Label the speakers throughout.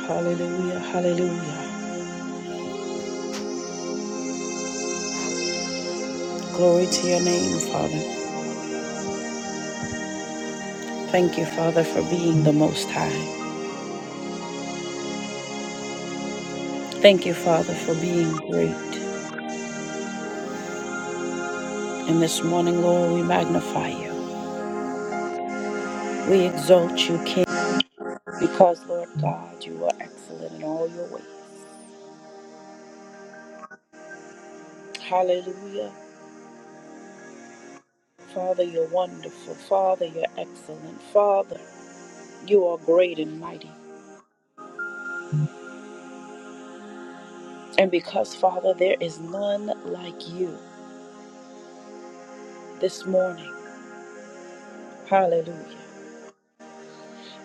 Speaker 1: Hallelujah, hallelujah. Glory to your name, Father. Thank you, Father, for being the Most High. Thank you, Father, for being great. And this morning, Lord, we magnify you. We exalt you, King, because, Lord God, you are excellent in all your ways. Hallelujah. Father, you're wonderful. Father, you're excellent. Father, you are great and mighty. And because, Father, there is none like you this morning, hallelujah,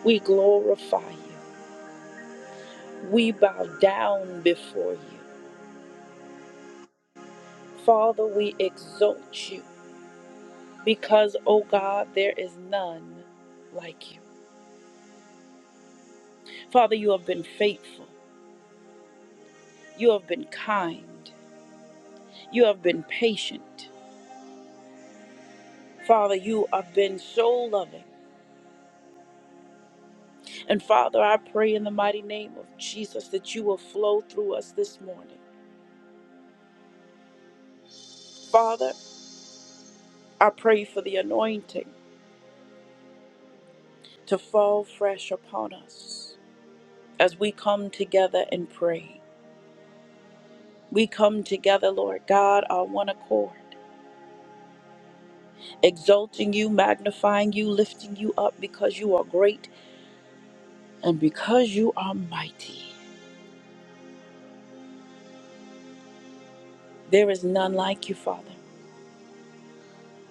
Speaker 1: we glorify you. We bow down before you. Father, we exalt you because, oh God, there is none like you. Father, you have been faithful. You have been kind. You have been patient. Father, you have been so loving. And Father, I pray in the mighty name of Jesus that you will flow through us this morning. Father, I pray for the anointing to fall fresh upon us as we come together and pray. We come together, Lord God, on one accord, exalting you, magnifying you, lifting you up because you are great and because you are mighty. There is none like you, Father.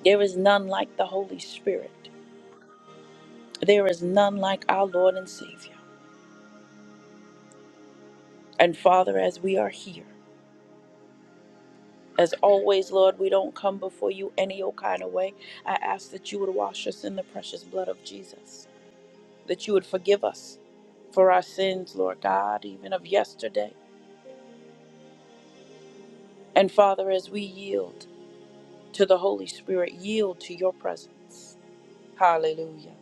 Speaker 1: There is none like the Holy Spirit. There is none like our Lord and Savior. And Father, as we are here, as always, Lord, we don't come before you any old kind of way. I ask that you would wash us in the precious blood of Jesus, that you would forgive us for our sins, Lord God, even of yesterday And Father, as we yield to the Holy Spirit, yield to your presence. Hallelujah.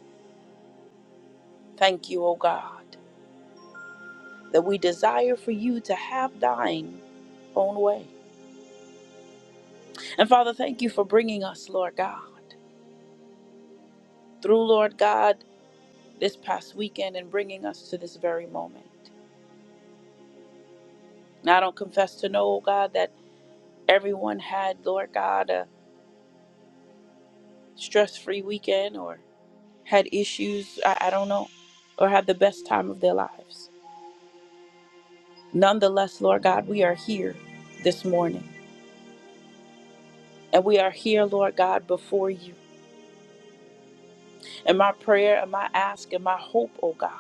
Speaker 1: Thank you, O God, that we desire for you to have thine own way. And Father, thank you for bringing us, Lord God, through, Lord God, this past weekend and bringing us to this very moment. Now, I don't confess to know, O God, that everyone had, Lord God, a stress free weekend or had issues, I, I don't know, or had the best time of their lives. Nonetheless, Lord God, we are here this morning. And we are here, Lord God, before you. And my prayer and my ask and my hope, oh God,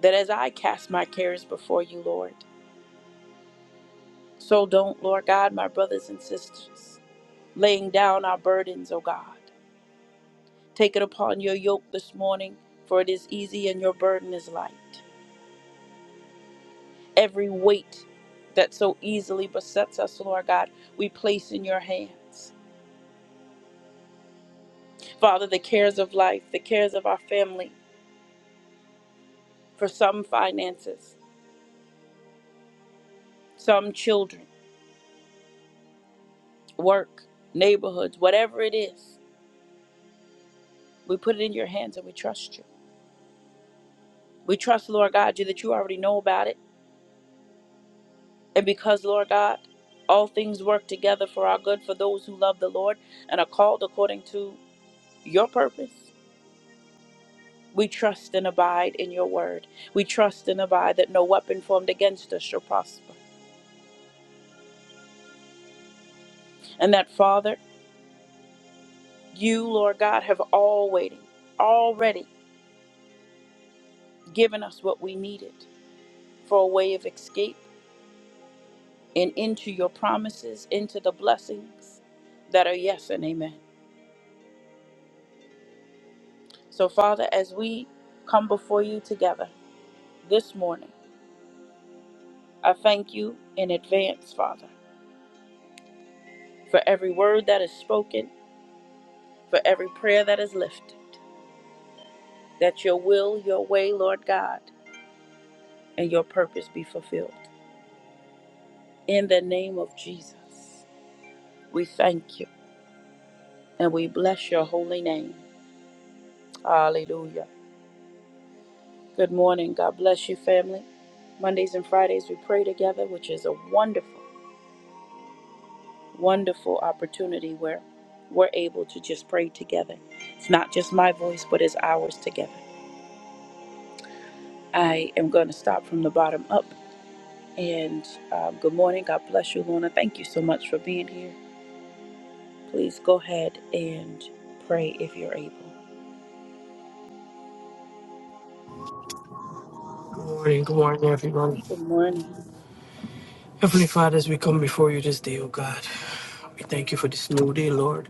Speaker 1: that as I cast my cares before you, Lord, so don't, Lord God, my brothers and sisters, laying down our burdens, oh God. Take it upon your yoke this morning, for it is easy and your burden is light. Every weight that so easily besets us, Lord God, we place in your hands. Father, the cares of life, the cares of our family, for some finances, some children, work, neighborhoods, whatever it is. We put it in your hands and we trust you. We trust, Lord God, you that you already know about it. And because, Lord God, all things work together for our good for those who love the Lord and are called according to your purpose. We trust and abide in your word. We trust and abide that no weapon formed against us shall prosper. And that, Father, you, Lord God, have already, already given us what we needed for a way of escape and into your promises, into the blessings that are yes and amen. So, Father, as we come before you together this morning, I thank you in advance, Father, for every word that is spoken, for every prayer that is lifted, that your will, your way, Lord God, and your purpose be fulfilled. In the name of Jesus, we thank you and we bless your holy name. Hallelujah. Good morning. God bless you, family. Mondays and Fridays, we pray together, which is a wonderful, wonderful opportunity where we're able to just pray together. It's not just my voice, but it's ours together. I am going to stop from the bottom up. And um, good morning. God bless you, Lorna. Thank you so much for being here. Please go ahead and pray if you're able.
Speaker 2: Good morning, good morning, everyone.
Speaker 1: Good morning.
Speaker 2: Heavenly Father, as we come before you this day, oh God, we thank you for this new day, Lord.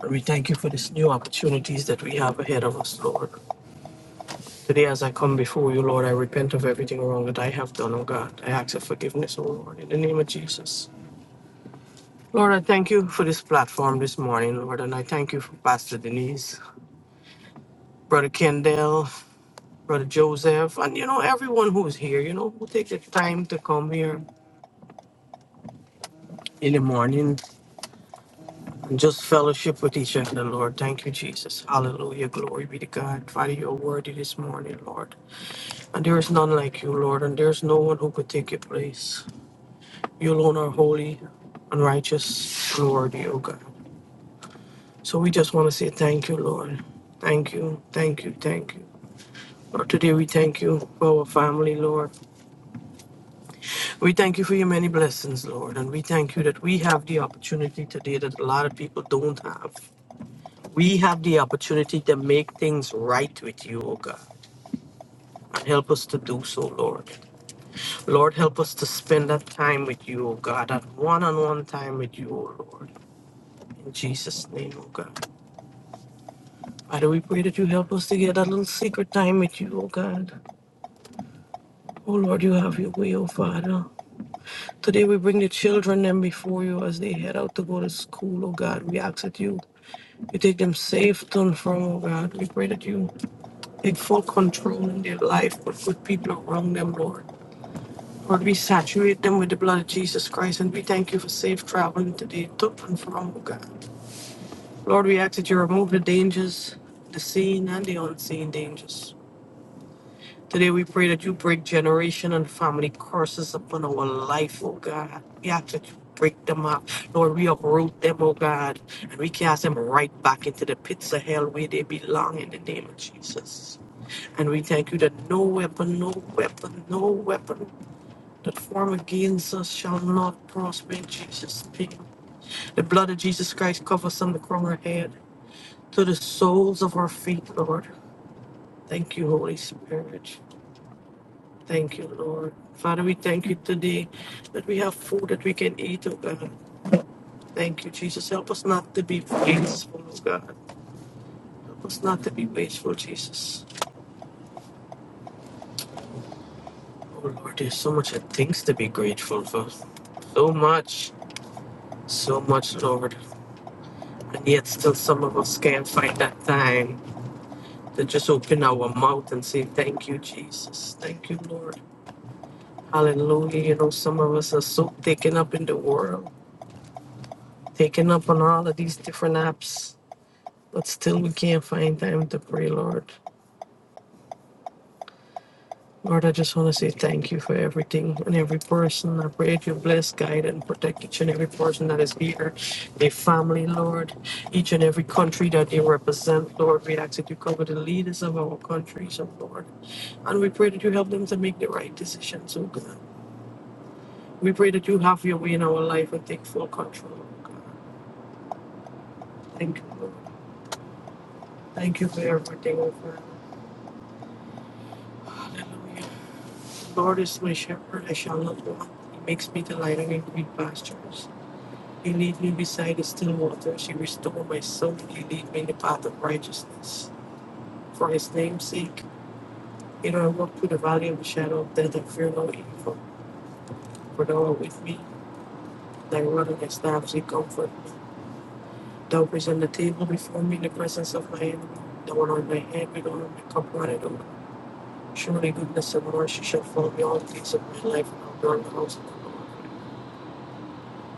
Speaker 2: And we thank you for these new opportunities that we have ahead of us, Lord. Today, as I come before you, Lord, I repent of everything wrong that I have done, oh God. I ask for forgiveness, oh Lord, in the name of Jesus. Lord, I thank you for this platform this morning, Lord, and I thank you for Pastor Denise, Brother Kendall, Brother Joseph, and you know, everyone who is here, you know, who take the time to come here in the morning Just fellowship with each other, Lord. Thank you, Jesus. Hallelujah. Glory be to God. Father, you're worthy this morning, Lord. And there is none like you, Lord. And there is no one who could take your place. You alone are holy and righteous and worthy, O God. So we just want to say thank you, Lord. Thank you, thank you, thank you. Lord, today we thank you for our family, Lord. We thank you for your many blessings, Lord. And we thank you that we have the opportunity today that a lot of people don't have. We have the opportunity to make things right with you, O God. And help us to do so, Lord. Lord, help us to spend that time with you, O God, that one on one time with you, O Lord. In Jesus' name, O God. Father, we pray that you help us to get that little secret time with you, O God. Oh Lord, you have your way, O Father. Today we bring the children them before you as they head out to go to school, O God. We ask that you you take them safe to and from, O God. We pray that you take full control in their life, put good people around them, Lord. Lord, we saturate them with the blood of Jesus Christ and we thank you for safe traveling today to and from, oh God. Lord, we ask that you remove the dangers, the seen and the unseen dangers. Today we pray that you break generation and family curses upon our life, oh God. We ask that you break them up. Lord, we uproot them, oh God, and we cast them right back into the pits of hell where they belong in the name of Jesus. And we thank you that no weapon, no weapon, no weapon that form against us shall not prosper in Jesus' name. The blood of Jesus Christ covers on the crown of our head to the soles of our feet, Lord. Thank you, Holy Spirit. Thank you, Lord. Father, we thank you today that we have food that we can eat, oh God. Thank you, Jesus. Help us not to be wasteful, oh God. Help us not to be wasteful, Jesus. Oh Lord, there's so much things to be grateful for. So much, so much, Lord. And yet still some of us can't find that time to just open our mouth and say, Thank you, Jesus. Thank you, Lord. Hallelujah. You know, some of us are so taken up in the world, taken up on all of these different apps, but still we can't find time to pray, Lord. Lord, I just want to say thank you for everything and every person. I pray that you bless, guide, and protect each and every person that is here, their family, Lord, each and every country that they represent, Lord. We ask that you cover the leaders of our countries, oh Lord. And we pray that you help them to make the right decisions, oh God. We pray that you have your way in our life and take full control. oh God. Thank you, Lord. Thank you for everything, oh Father. Hallelujah. The Lord is my shepherd, I shall not want. He makes me delight in green pastures. He leads me beside the still waters. He restores my soul. He leads me in the path of righteousness. For his name's sake, you know, I walk through the valley of the shadow of death and fear no evil. For thou art with me, thy rod and thy staff, they comfort me. Thou present the table before me in the presence of my enemy. The one on my head with oil, my cup runneth over. Surely goodness and mercy shall follow me all the days of my life, and I'll dwell in the house of the Lord.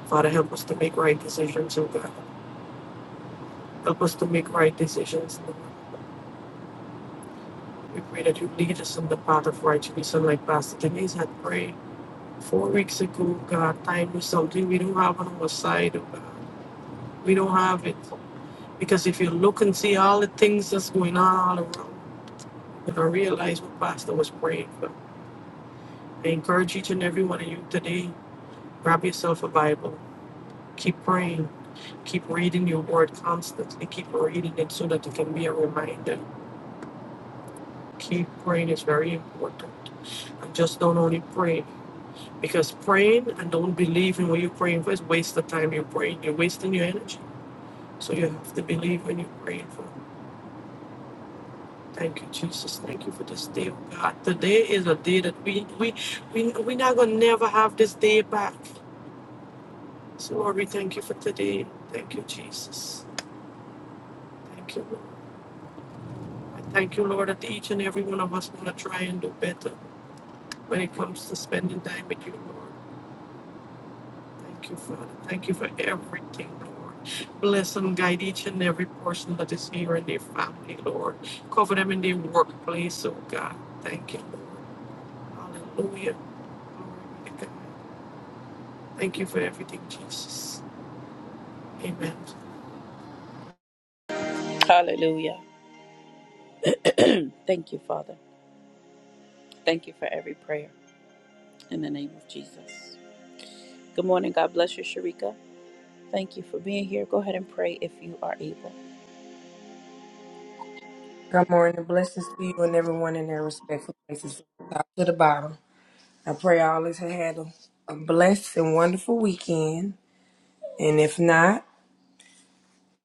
Speaker 2: Father, help us to make right decisions, O God. Help us to make right decisions. Lord. We pray that you lead us in the path of righteousness, and like Pastor Denise had prayed four weeks ago, God, time is something we don't have on our side, O God. We don't have it. Because if you look and see all the things that's going on all around, And I realize what Pastor was praying for. I encourage each and every one of you today, grab yourself a Bible. Keep praying. Keep reading your word constantly. Keep reading it so that it can be a reminder. Keep praying is very important. And just don't only pray. Because praying and don't believe in what you're praying for is a waste of time you're praying. You're wasting your energy. So you have to believe when you're praying for. Thank you, Jesus. Thank you for this day, oh God. Today is a day that we we we we're not gonna never have this day back. So, Lord, we thank you for today. Thank you, Jesus. Thank you, Lord. I thank you, Lord, that each and every one of us want to try and do better when it comes to spending time with you, Lord. Thank you, Father. Thank you for everything, Lord. Bless and guide each and every person that is here in their family, Lord. Cover them in their workplace, oh God. Thank you, Lord. Hallelujah. Glory be to God. Thank you for everything, Jesus. Amen.
Speaker 1: Hallelujah. Thank you, Father. Thank you for every prayer in the name of Jesus. Good morning. God bless you, Sharika. Thank you for being here. Go ahead and pray if you are able.
Speaker 3: Good morning. Blessings to you and everyone in their respectful places from the top to the bottom. I pray all has had a, a blessed and wonderful weekend. And if not,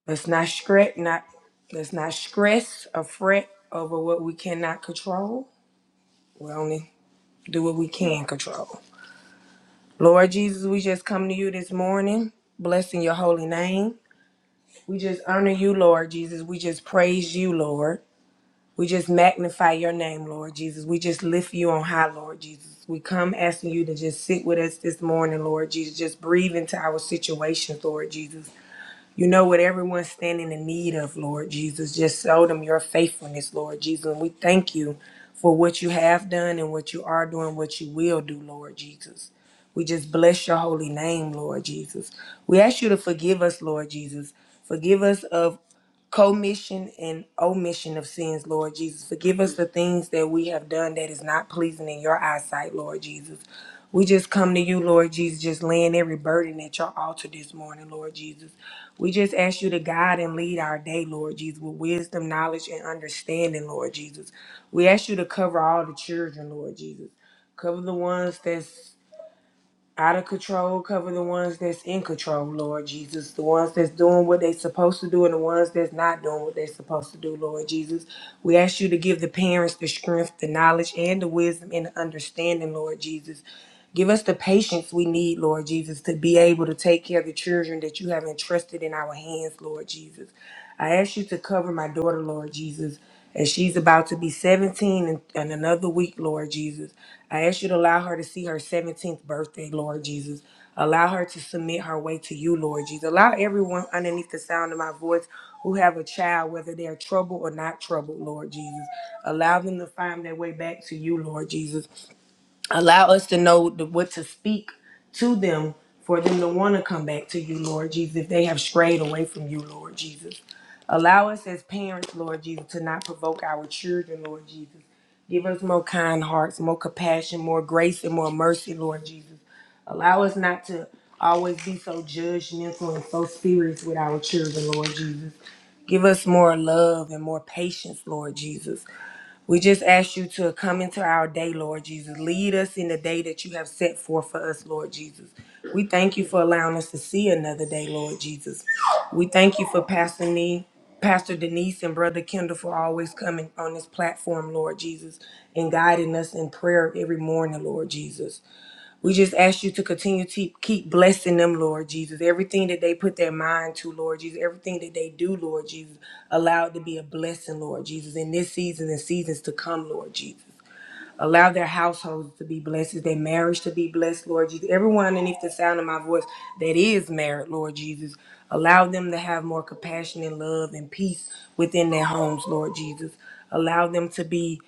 Speaker 3: let's not stress not let's not stress or fret over what we cannot control. We only do what we can control. Lord Jesus, we just come to you this morning, blessing your holy name. We just honor you, Lord Jesus. We just praise you, Lord. We just magnify your name, Lord Jesus. We just lift you on high, Lord Jesus. We come asking you to just sit with us this morning, Lord Jesus. Just breathe into our situations, Lord Jesus. You know what everyone's standing in need of, Lord Jesus. Just show them your faithfulness, Lord Jesus. And we thank you for what you have done and what you are doing, what you will do, Lord Jesus. We just bless your holy name, Lord Jesus. We ask you to forgive us, Lord Jesus. Forgive us of commission and omission of sins, Lord Jesus. Forgive us the things that we have done that is not pleasing in your eyesight, Lord Jesus. We just come to you, Lord Jesus, just laying every burden at your altar this morning, Lord Jesus. We just ask you to guide and lead our day, Lord Jesus, with wisdom, knowledge, and understanding, Lord Jesus. We ask you to cover all the children, Lord Jesus. Cover the ones that's out of control. Cover the ones that's in control, Lord Jesus. The ones that's doing what they supposed to do and the ones that's not doing what they are supposed to do, Lord Jesus. We ask you to give the parents the strength, the knowledge, and the wisdom and the understanding, Lord Jesus. Give us the patience we need, Lord Jesus, to be able to take care of the children that you have entrusted in our hands, Lord Jesus. I ask you to cover my daughter, Lord Jesus, as she's about to be 17 in, in another week, Lord Jesus. I ask you to allow her to see her 17th birthday, Lord Jesus. Allow her to submit her way to you, Lord Jesus. Allow everyone underneath the sound of my voice who have a child, whether they're troubled or not troubled, Lord Jesus. Allow them to find their way back to you, Lord Jesus. Allow us to know the, what to speak to them for them to want to come back to you, Lord Jesus, if they have strayed away from you, Lord Jesus. Allow us as parents, Lord Jesus, to not provoke our children, Lord Jesus. Give us more kind hearts, more compassion, more grace, and more mercy, Lord Jesus. Allow us not to always be so judgmental and so serious with our children, Lord Jesus. Give us more love and more patience, Lord Jesus. We just ask you to come into our day, Lord Jesus. Lead us in the day that you have set forth for us, Lord Jesus. We thank you for allowing us to see another day, Lord Jesus. We thank you for Pastor Nee, Pastor Denise and Brother Kendall for always coming on this platform, Lord Jesus, and guiding us in prayer every morning, Lord Jesus. We just ask you to continue to keep blessing them, Lord Jesus. Everything that they put their mind to, Lord Jesus, everything that they do, Lord Jesus, allow it to be a blessing, Lord Jesus, in this season and seasons to come, Lord Jesus. Allow their households to be blessed, their marriage to be blessed, Lord Jesus. Everyone underneath the sound of my voice that is married, Lord Jesus, allow them to have more compassion and love and peace within their homes, Lord Jesus. Allow them to be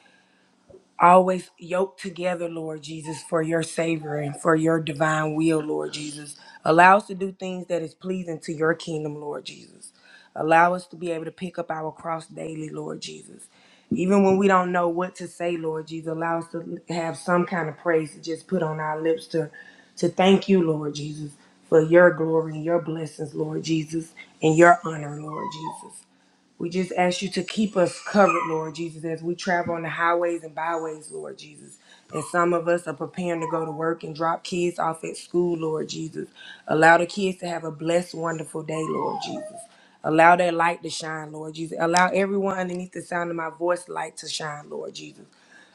Speaker 3: always yoked together, Lord Jesus, for your savor and for your divine will, Lord Jesus. Allow us to do things that is pleasing to your kingdom, Lord Jesus. Allow us to be able to pick up our cross daily, Lord Jesus. Even when we don't know what to say, Lord Jesus, allow us to have some kind of praise to just put on our lips to, to thank you, Lord Jesus, for your glory and your blessings, Lord Jesus, and your honor, Lord Jesus. We just ask you to keep us covered, Lord Jesus, as we travel on the highways and byways, Lord Jesus. And some of us are preparing to go to work and drop kids off at school, Lord Jesus. Allow the kids to have a blessed, wonderful day, Lord Jesus. Allow that light to shine, Lord Jesus. Allow everyone underneath the sound of my voice light to shine, Lord Jesus.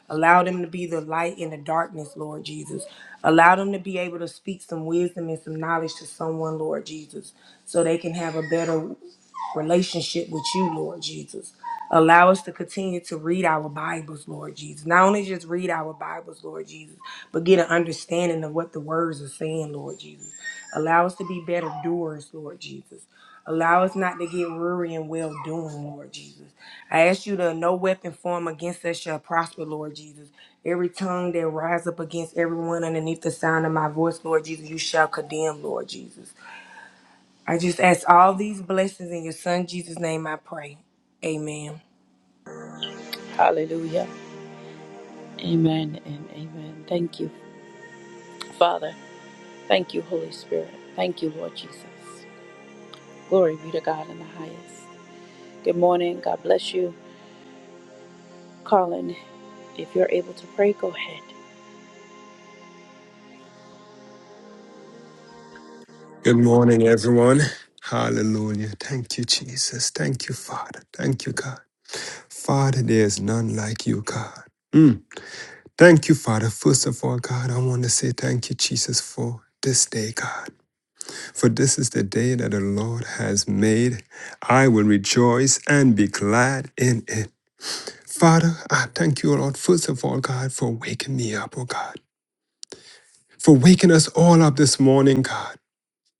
Speaker 3: Allow them to be the light in the darkness, Lord Jesus. Allow them to be able to speak some wisdom and some knowledge to someone, Lord Jesus, so they can have a better relationship with you, Lord Jesus. Allow us to continue to read our Bibles, Lord Jesus. Not only just read our Bibles, Lord Jesus, but get an understanding of what the words are saying, Lord Jesus. Allow us to be better doers, Lord Jesus. Allow us not to get weary and well doing, Lord Jesus. I ask you to no weapon form against us shall prosper, Lord Jesus. Every tongue that rise up against everyone underneath the sound of my voice, Lord Jesus, you shall condemn, Lord Jesus. I just ask all these blessings in your son Jesus' name I pray. Amen.
Speaker 1: Hallelujah. Amen and amen. Thank you, Father. Thank you, Holy Spirit. Thank you, Lord Jesus. Glory be to God in the highest. Good morning. God bless you. Colin, if you're able to pray, go ahead.
Speaker 4: Good morning, everyone. Hallelujah. Thank you, Jesus. Thank you, Father. Thank you, God. Father, there is none like you, God. Mm. Thank you, Father. First of all, God, I want to say thank you, Jesus, for this day, God. For this is the day that the Lord has made. I will rejoice and be glad in it. Father, I thank you, Lord, first of all, God, for waking me up, oh God. For waking us all up this morning, God.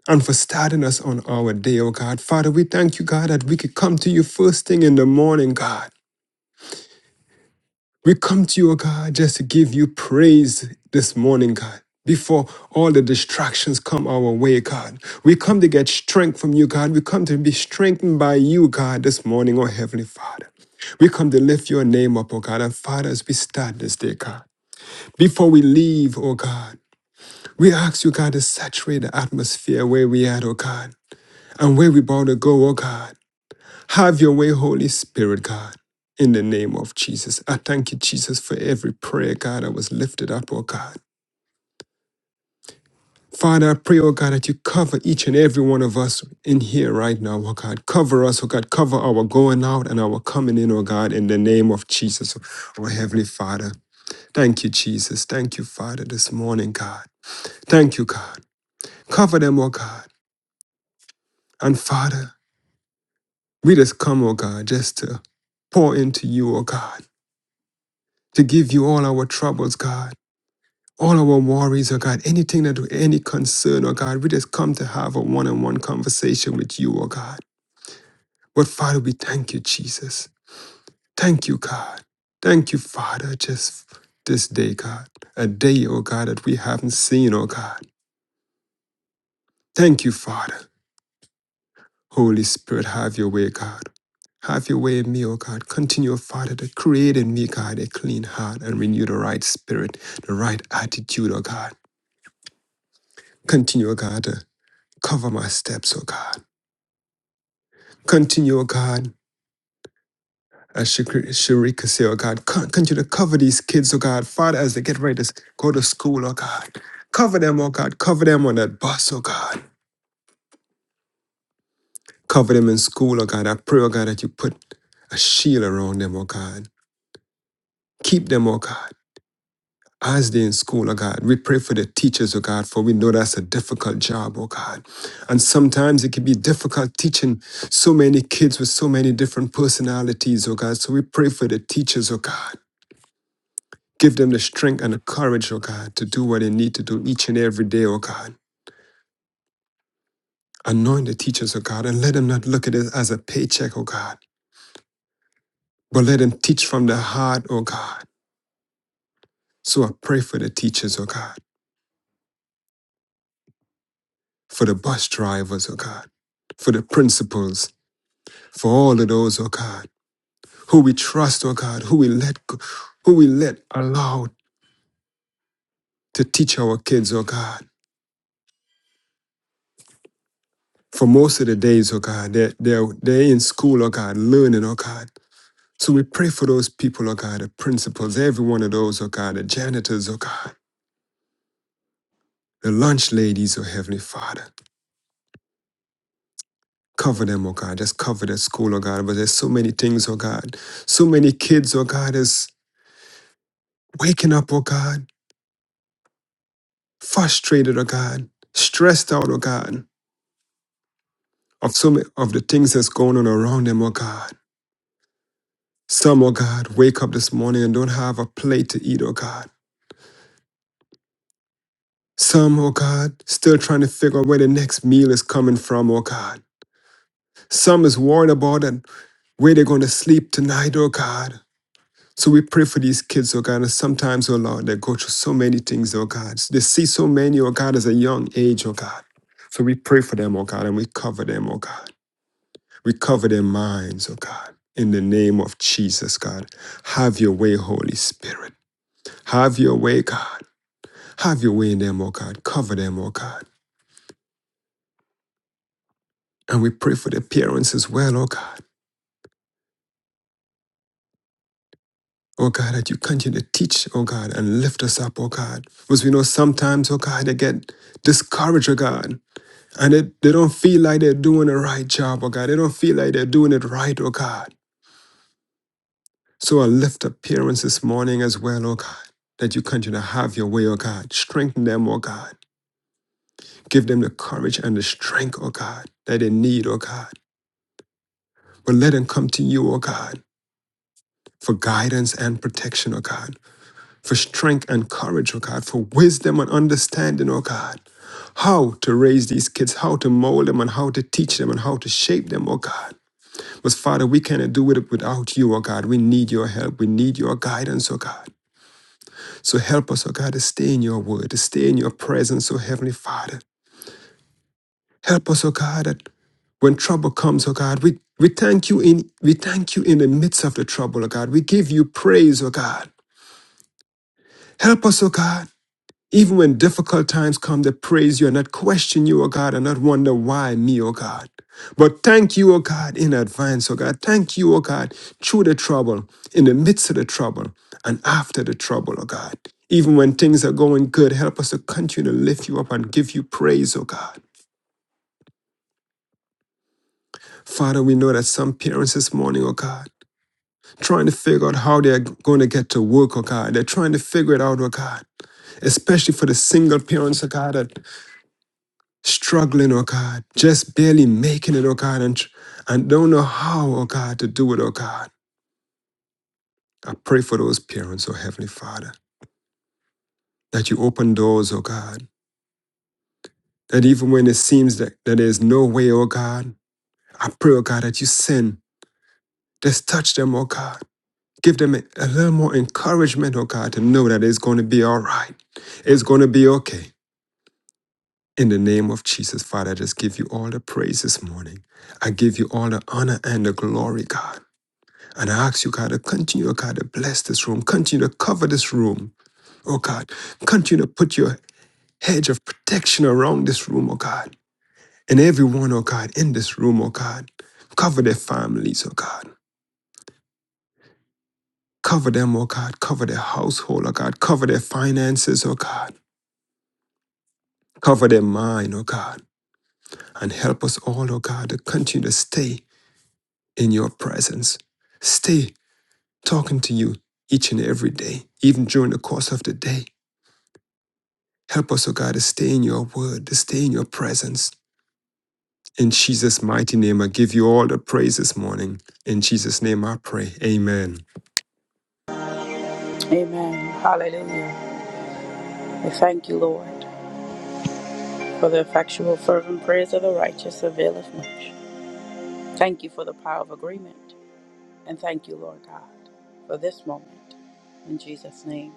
Speaker 4: and for starting us on our day, oh God. Father, we thank you, God, that we could come to you first thing in the morning, God. We come to you, oh God, just to give you praise this morning, God. Before all the distractions come our way, God. We come to get strength from you, God. We come to be strengthened by you, God, this morning, oh Heavenly Father. We come to lift your name up, oh God. And Father, as we start this day, God, before we leave, oh God, we ask you, God, to saturate the atmosphere where we are, oh God, and where we about to go, oh God. Have your way, Holy Spirit, God. In the name of Jesus, I thank you, Jesus, for every prayer, God, that was lifted up, oh God. Father, I pray, oh God, that you cover each and every one of us in here right now, oh God. Cover us, oh God. Cover our going out and our coming in, oh God, in the name of Jesus, oh Heavenly Father. Thank you, Jesus. Thank you, Father, this morning, God. Thank you, God. Cover them, oh God. And Father, we just come, oh God, just to pour into you, oh God, to give you all our troubles, God all our worries, oh God, anything that any concern, oh God, we just come to have a one-on-one conversation with you, oh God. But Father, we thank you, Jesus. Thank you, God. Thank you, Father, just this day, God. A day, oh God, that we haven't seen, oh God. Thank you, Father. Holy Spirit, have your way, God. Have your way in me, O God. Continue, Father, to create in me, God, a clean heart and renew the right spirit, the right attitude, O God. Continue, O God, to cover my steps, O God. Continue, oh God, as Shakri- Sharika could say, oh God, con- continue to cover these kids, oh God, Father, as they get ready to go to school, oh God. Cover them, oh God, cover them on that bus, oh God. Cover them in school, oh God. I pray, oh God, that you put a shield around them, oh God. Keep them, oh God. As they're in school, oh God, we pray for the teachers, oh God, for we know that's a difficult job, oh God. And sometimes it can be difficult teaching so many kids with so many different personalities, oh God. So we pray for the teachers, oh God. Give them the strength and the courage, oh God, to do what they need to do each and every day, oh God. Anoint the teachers, oh God, and let them not look at it as a paycheck, oh God, but let them teach from the heart, oh God. So I pray for the teachers, oh God, for the bus drivers, oh God, for the principals, for all of those, oh God, who we trust, oh God, who we let, go, who we let allow to teach our kids, oh God. For most of the days, oh God, they're, they're, they're in school, oh God, learning, oh God. So we pray for those people, oh God, the principals, every one of those, oh God, the janitors, oh God, the lunch ladies, oh Heavenly Father. Cover them, oh God. Just cover their school, oh God. But there's so many things, oh God. So many kids, oh God, is waking up, oh God, frustrated, oh God, stressed out, oh God, of so many of the things that's going on around them, oh God. Some, oh God, wake up this morning and don't have a plate to eat, oh God. Some, oh God, still trying to figure out where the next meal is coming from, oh God. Some is worried about and where they're going to sleep tonight, oh God. So we pray for these kids, oh God. And sometimes, oh Lord, they go through so many things, oh God. They see so many, oh God, as a young age, oh God. So we pray for them, oh God, and we cover them, oh God. We cover their minds, oh God. In the name of Jesus, God. Have your way, Holy Spirit. Have your way, God. Have your way in them, oh God. Cover them, oh God. And we pray for their parents as well, oh God. Oh God, that you continue to teach, oh God, and lift us up, oh God. Because we know sometimes, oh God, they get discouraged, oh God. And they, they don't feel like they're doing the right job, oh God. They don't feel like they're doing it right, oh God. So I lift up parents this morning as well, oh God, that you continue to have your way, oh God. Strengthen them, oh God. Give them the courage and the strength, oh God, that they need, oh God. But let them come to you, oh God, for guidance and protection, oh God. for strength and courage, oh God, for wisdom and understanding, oh God, how to raise these kids, how to mold them, and how to teach them, and how to shape them, oh God. But Father, we cannot do it without you, oh God. We need your help. We need your guidance, oh God. So help us, oh God, to stay in your word, to stay in your presence, oh Heavenly Father. Help us, oh God, that when trouble comes, oh God, we, we thank you in we thank you in the midst of the trouble, oh God. We give you praise, oh God. Help us, oh God. Even when difficult times come, they praise you and not question you, O God, and not wonder why me, O God. But thank you, O God, in advance, O God. Thank you, O God, through the trouble, in the midst of the trouble, and after the trouble, O God. Even when things are going good, help us to continue to lift you up and give you praise, O God. Father, we know that some parents this morning, oh God, trying to figure out how they're going to get to work, oh God. They're trying to figure it out, oh God, especially for the single parents, oh God. that. struggling, oh God, just barely making it, oh God, and, tr- and don't know how, oh God, to do it, oh God. I pray for those parents, oh Heavenly Father, that you open doors, oh God, that even when it seems that, that there's no way, oh God, I pray, oh God, that you send, just touch them, oh God. Give them a, a little more encouragement, oh God, to know that it's going to be all right. It's going to be okay. In the name of Jesus, Father, I just give you all the praise this morning. I give you all the honor and the glory, God. And I ask you, God, to continue, oh God, to bless this room, continue to cover this room, oh God, continue to put your hedge of protection around this room, oh God, and everyone, oh God, in this room, oh God, cover their families, oh God, cover them, oh God, cover their household, oh God, cover their finances, oh God, cover their mind, oh God, and help us all, oh God, to continue to stay in your presence, stay talking to you each and every day, even during the course of the day. Help us, O God, to stay in your word, to stay in your presence. In Jesus' mighty name, I give you all the praise this morning. In Jesus' name I pray. Amen.
Speaker 1: Amen. Hallelujah. We thank you, Lord, for the effectual, fervent prayers of the righteous availeth much. Thank you for the power of agreement. And thank you, Lord God, for this moment. In Jesus' name.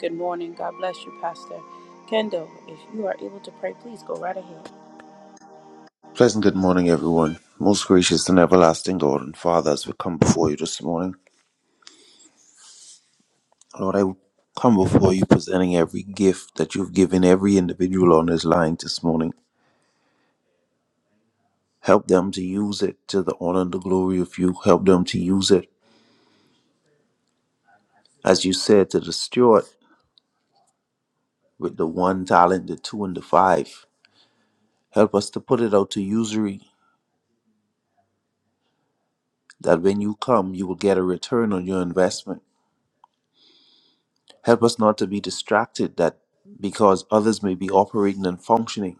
Speaker 1: Good morning. God bless you, Pastor. Kendall, if you are able to pray, please go right ahead.
Speaker 5: Pleasant good morning, everyone. Most gracious and everlasting God and Father, as we come before you this morning, Lord, I come before you presenting every gift that you've given every individual on this line this morning. Help them to use it to the honor and the glory of you. Help them to use it, as you said to the steward, with the one talent, the two, and the five. Help us to put it out to usury, that when you come, you will get a return on your investment. Help us not to be distracted, that because others may be operating and functioning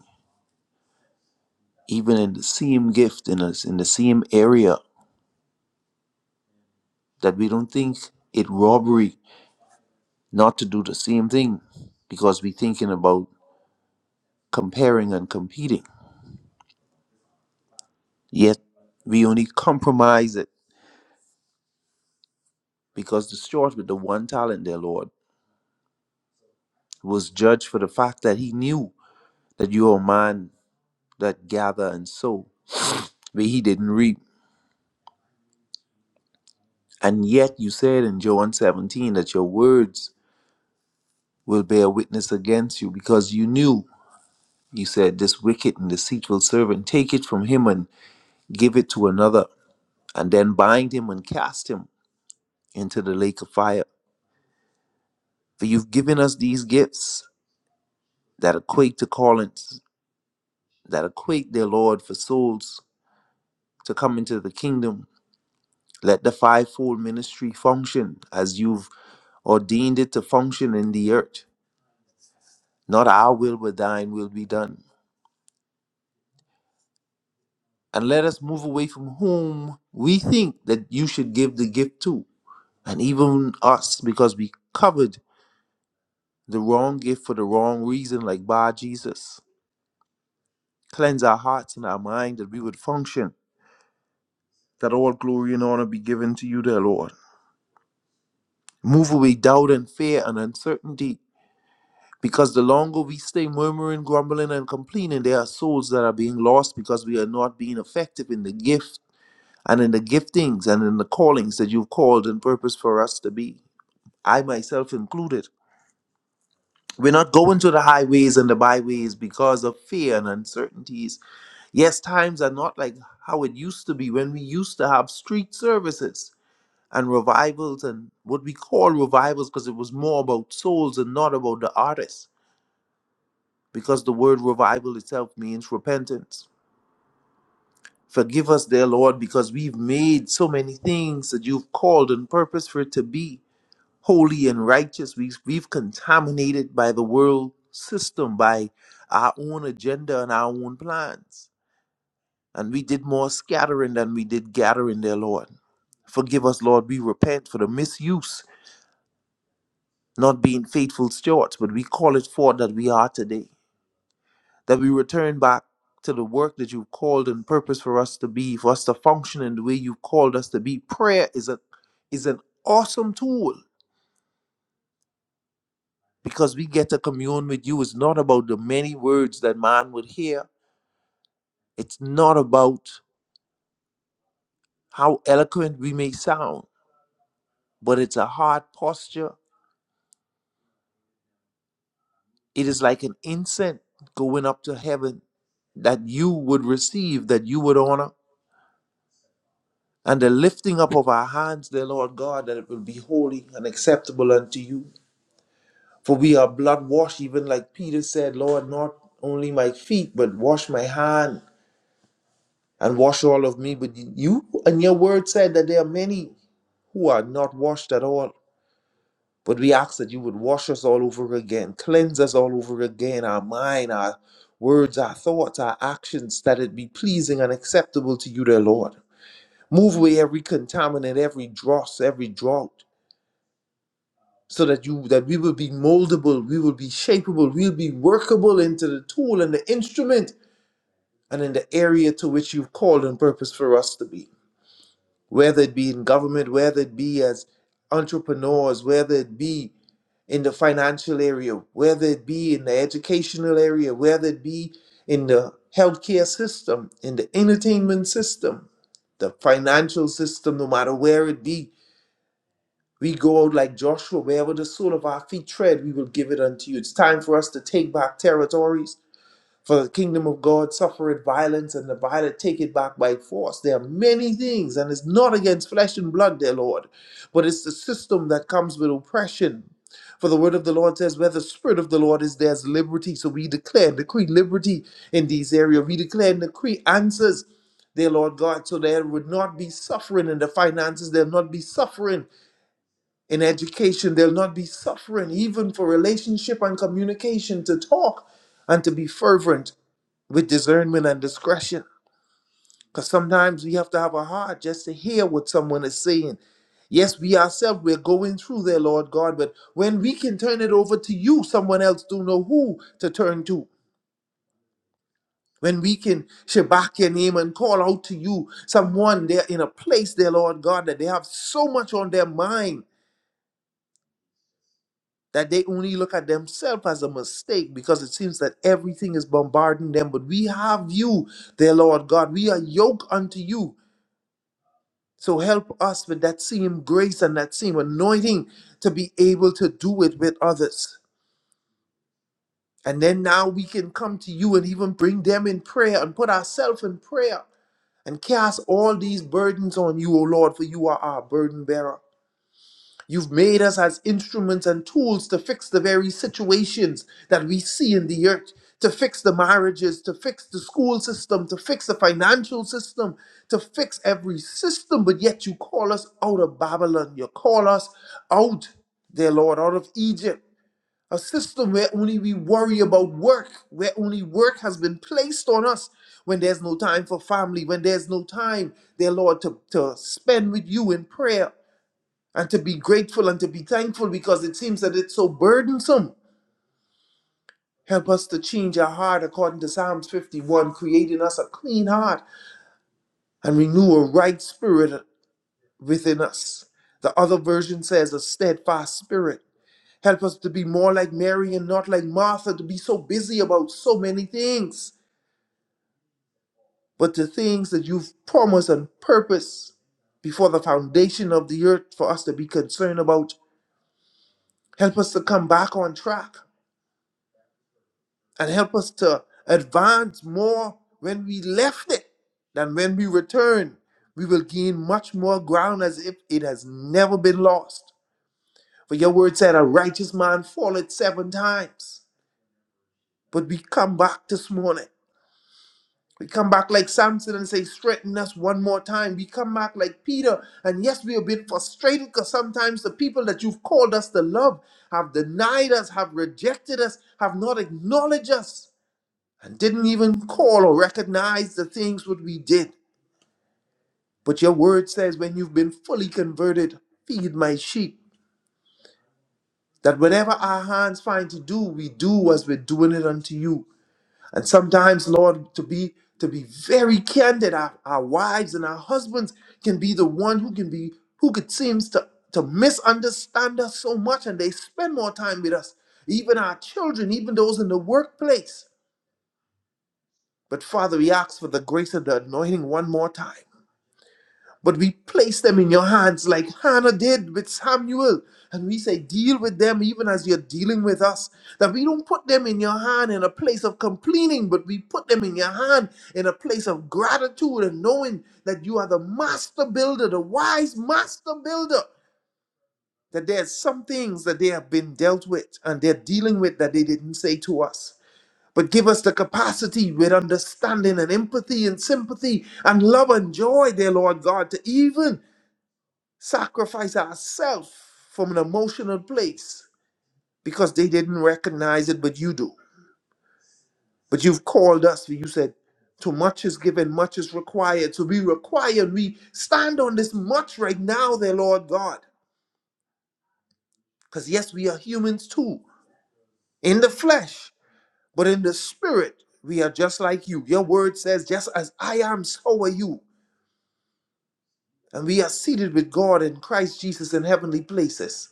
Speaker 5: even in the same gift in us in the same area that we don't think it robbery not to do the same thing because we're thinking about comparing and competing yet we only compromise it because the steward with the one talent dear lord was judged for the fact that he knew that you are a man that gather and sow but he didn't reap and yet you said in john 17 that your words will bear witness against you because you knew He said, This wicked and deceitful servant, take it from him and give it to another, and then bind him and cast him into the lake of fire. For you've given us these gifts that equate to callants, that equate, their Lord, for souls to come into the kingdom. Let the fivefold ministry function as you've ordained it to function in the earth. Not our will, but thine will be done. And let us move away from whom we think that you should give the gift to And even us, because we covered the wrong gift for the wrong reason, like by Jesus. Cleanse our hearts and our mind that we would function, that all glory and honor be given to you, dear Lord. Move away doubt and fear and uncertainty, because the longer we stay murmuring, grumbling, and complaining, there are souls that are being lost because we are not being effective in the gift and in the giftings and in the callings that you've called and purposed for us to be. I myself included. We're not going to the highways and the byways because of fear and uncertainties. Yes, times are not like how it used to be when we used to have street services and revivals and what we call revivals because it was more about souls and not about the artists. Because the word revival itself means repentance. Forgive us, dear Lord, because we've made so many things that you've called and purposed for it to be. holy and righteous. We've, we've contaminated by the world system, by our own agenda and our own plans. And we did more scattering than we did gathering, dear Lord. Forgive us, Lord. We repent for the misuse, not being faithful stewards, but we call it forth that we are today, that we return back to the work that you've called and purpose for us to be, for us to function in the way you've called us to be. Prayer is a is an awesome tool because we get to commune with you. It's not about the many words that man would hear, it's not about how eloquent we may sound, but it's a heart posture. It is like an incense going up to heaven that you would receive, that you would honor. And the lifting up of our hands, dear Lord God, that it will be holy and acceptable unto you. For we are blood washed, even like Peter said, Lord, not only my feet, but wash my hand and wash all of me. But you and your word said that there are many who are not washed at all. But we ask that you would wash us all over again, cleanse us all over again, our mind, our words, our thoughts, our actions, that it be pleasing and acceptable to you, dear Lord. Move away every contaminant, every dross, every drought, so that you that we will be moldable, we will be shapeable, we'll be workable into the tool and the instrument and in the area to which you've called and purposed for us to be. whether it be in government, whether it be as entrepreneurs, whether it be in the financial area, whether it be in the educational area, whether it be in the healthcare system, in the entertainment system, the financial system, no matter where it be. We go out like Joshua, wherever the sole of our feet tread, we will give it unto you. It's time for us to take back territories. For the kingdom of God suffereth violence, and the violent take it back by force. There are many things, and it's not against flesh and blood, dear Lord, but it's the system that comes with oppression. For the word of the Lord says, Where the Spirit of the Lord is, there's liberty. So we declare and decree liberty in these areas. We declare and decree answers, dear Lord God, so there would not be suffering in the finances, there'll not be suffering in education, there'll not be suffering even for relationship and communication to talk and to be fervent with discernment and discretion. Because sometimes we have to have a heart just to hear what someone is saying. Yes, we ourselves, we're going through there, Lord God, but when we can turn it over to you, someone else don't know who to turn to. When we can shabak your name and call out to you, someone they're in a place there, Lord God, that they have so much on their mind that they only look at themselves as a mistake because it seems that everything is bombarding them. But we have you, there, Lord God. We are yoked unto you So help us with that same grace and that same anointing to be able to do it with others. And then now we can come to you and even bring them in prayer and put ourselves in prayer and cast all these burdens on you, O Lord, for you are our burden bearer. You've made us as instruments and tools to fix the very situations that we see in the earth, to fix the marriages, to fix the school system, to fix the financial system, to fix every system. But yet you call us out of Babylon. You call us out, dear Lord, out of Egypt. A system where only we worry about work, where only work has been placed on us, when there's no time for family, when there's no time, dear Lord, to, to spend with you in prayer and to be grateful and to be thankful because it seems that it's so burdensome. Help us to change our heart according to Psalms 51, creating us a clean heart and renew a right spirit within us. The other version says a steadfast spirit. Help us to be more like Mary and not like Martha, to be so busy about so many things, but the things that you've promised and purpose before the foundation of the earth for us to be concerned about. Help us to come back on track and help us to advance more when we left it than when we return. We will gain much more ground as if it has never been lost. For your word said, A righteous man falleth seven times. But we come back this morning. We come back like Samson and say, Strengthen us one more time. We come back like Peter. And yes, we are a bit frustrated because sometimes the people that you've called us to love have denied us, have rejected us, have not acknowledged us. and didn't even call or recognize the things what we did. But your word says, when you've been fully converted, feed my sheep. That whatever our hands find to do, we do as we're doing it unto you. And sometimes, Lord, to be to be very candid, our, our wives and our husbands can be the one who can be who could seems to to misunderstand us so much, and they spend more time with us. Even our children, even those in the workplace. But Father, we ask for the grace of the anointing one more time But we place them in your hands like Hannah did with Samuel. And we say, deal with them even as you're dealing with us. That we don't put them in your hand in a place of complaining, but we put them in your hand in a place of gratitude and knowing that you are the master builder, the wise master builder. That there's some things that they have been dealt with and they're dealing with that they didn't say to us. But give us the capacity with understanding and empathy and sympathy and love and joy, dear Lord God, to even sacrifice ourselves from an emotional place because they didn't recognize it, but you do. But you've called us. You said, too much is given, much is required. So we require, we stand on this much right now, there, Lord God. Because yes, we are humans too, in the flesh, but in the spirit, we are just like you. Your word says, just as I am, so are you. And we are seated with God in Christ Jesus in heavenly places.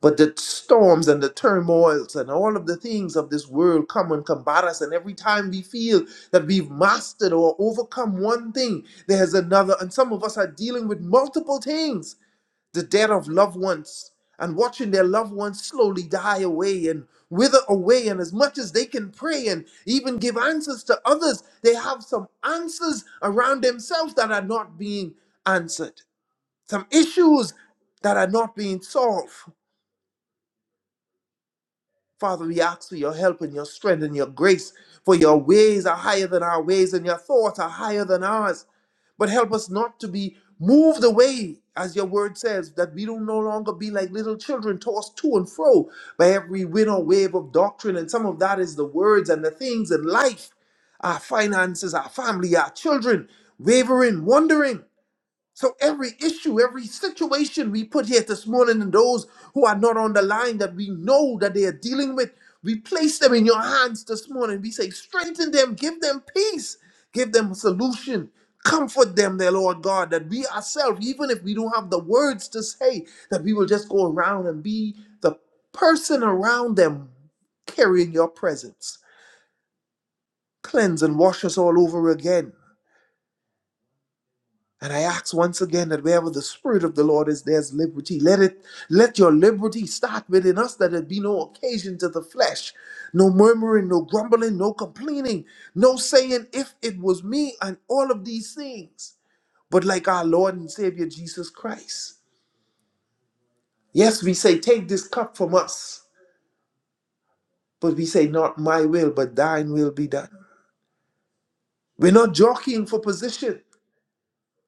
Speaker 5: But the storms and the turmoils and all of the things of this world come and combat us. And every time we feel that we've mastered or overcome one thing, there's another. And some of us are dealing with multiple things the death of loved ones and watching their loved ones slowly die away and wither away. And as much as they can pray and even give answers to others, they have some answers around themselves that are not being answered, some issues that are not being solved. Father, we ask for your help and your strength and your grace, for your ways are higher than our ways and your thoughts are higher than ours. But help us not to be moved away, as your word says, that we don't no longer be like little children tossed to and fro by every wind or wave of doctrine. And some of that is the words and the things in life, our finances, our family, our children, wavering, wondering. So every issue, every situation we put here this morning, and those who are not on the line that we know that they are dealing with, we place them in your hands this morning. We say, strengthen them, give them peace, give them a solution, comfort them, their Lord God, that we ourselves, even if we don't have the words to say, that we will just go around and be the person around them carrying your presence. Cleanse and wash us all over again And I ask once again that wherever the Spirit of the Lord is, there's liberty. Let it, let your liberty start within us, that it be no occasion to the flesh, no murmuring, no grumbling, no complaining, no saying, if it was me, and all of these things. But like our Lord and Savior Jesus Christ. Yes, we say, take this cup from us, but we say, not my will, but thine will be done. We're not jockeying for position.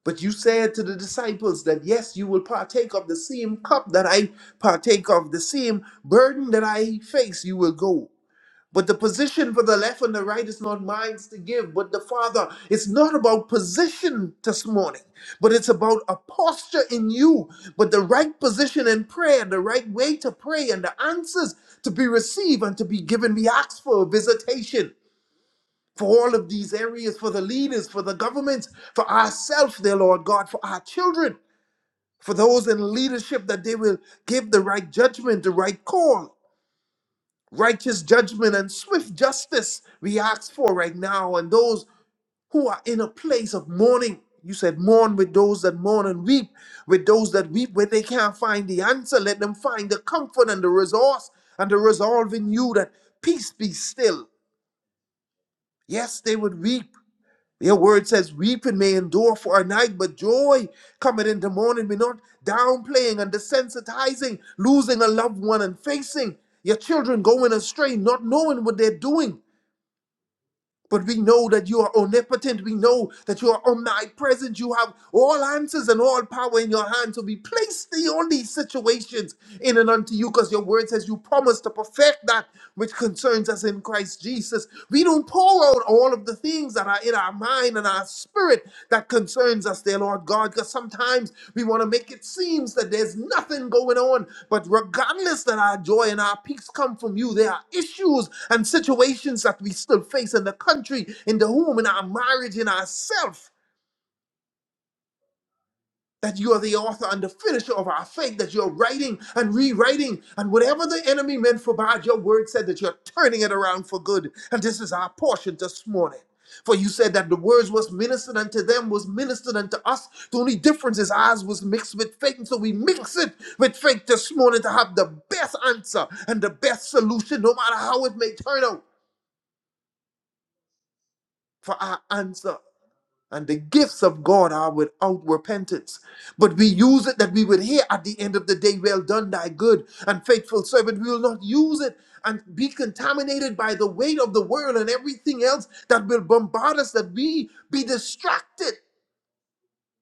Speaker 5: But you said to the disciples that yes, you will partake of the same cup that I partake of, the same burden that I face, you will go. But the position for the left and the right is not mine to give, but the Father. It's not about position this morning, but it's about a posture in you. But the right position in prayer, the right way to pray, and the answers to be received and to be given. We ask for a visitation for all of these areas, for the leaders, for the governments, for ourselves, dear Lord God, for our children, for those in leadership, that they will give the right judgment, the right call, righteous judgment, and swift justice we ask for right now. And those who are in a place of mourning, you said, mourn with those that mourn and weep, with those that weep where they can't find the answer. Let them find the comfort and the resource and the resolve in you that peace be still. Yes, they would weep Your word says, Weeping may endure for a night, but joy coming in the morning. We're not downplaying and desensitizing, losing a loved one and facing your children going astray, not knowing what they're doing. But we know that you are omnipotent. We know that you are omnipresent. You have all answers and all power in your hand. So we place thee on these situations in and unto you, because your word says you promise to perfect that which concerns us in Christ Jesus. We don't pour out all of the things that are in our mind and our spirit that concerns us, dear Lord God, because sometimes we want to make it seems that there's nothing going on. But regardless that our joy and our peace come from you, there are issues and situations that we still face in the country, in the home, in our marriage, in ourselves that you are the author and the finisher of our faith, that you're writing and rewriting. And whatever the enemy meant for bad, your word said that you're turning it around for good. And this is our portion this morning. For you said that the words was ministered unto them, was ministered unto us. The only difference is ours was mixed with faith. And so we mix it with faith this morning to have the best answer and the best solution, no matter how it may turn out, for our answer And the gifts of God are without repentance. But we use it that we would hear at the end of the day, Well done, thy good and faithful servant. We will not use it and be contaminated by the weight of the world and everything else that will bombard us, that we be distracted.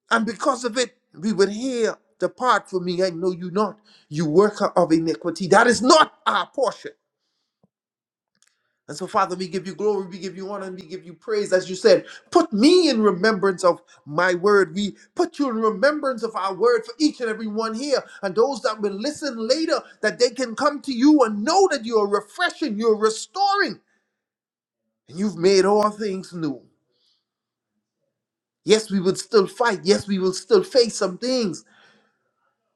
Speaker 5: And because of it, we would hear, Depart from me, I know you not, you worker of iniquity. That is not our portion. And so, Father, we give you glory, we give you honor, and we give you praise. As you said, put me in remembrance of my word. We put you in remembrance of our word for each and every one here. And those that will listen later, that they can come to you and know that you are refreshing, you're restoring, and you've made all things new. Yes, we will still fight. Yes, we will still face some things,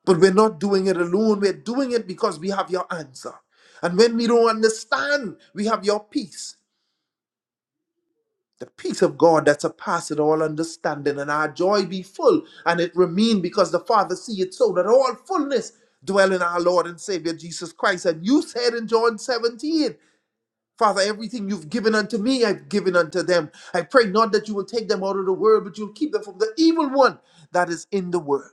Speaker 5: but we're not doing it alone. We're doing it because we have your answer. And when we don't understand, we have your peace. the peace of God that surpasses all understanding, and our joy be full, and it remain because the Father see it so that all fullness dwell in our Lord and Savior Jesus Christ. And you said in John 17, Father, everything you've given unto me, I've given unto them. I pray not that you will take them out of the world, but you'll keep them from the evil one that is in the world.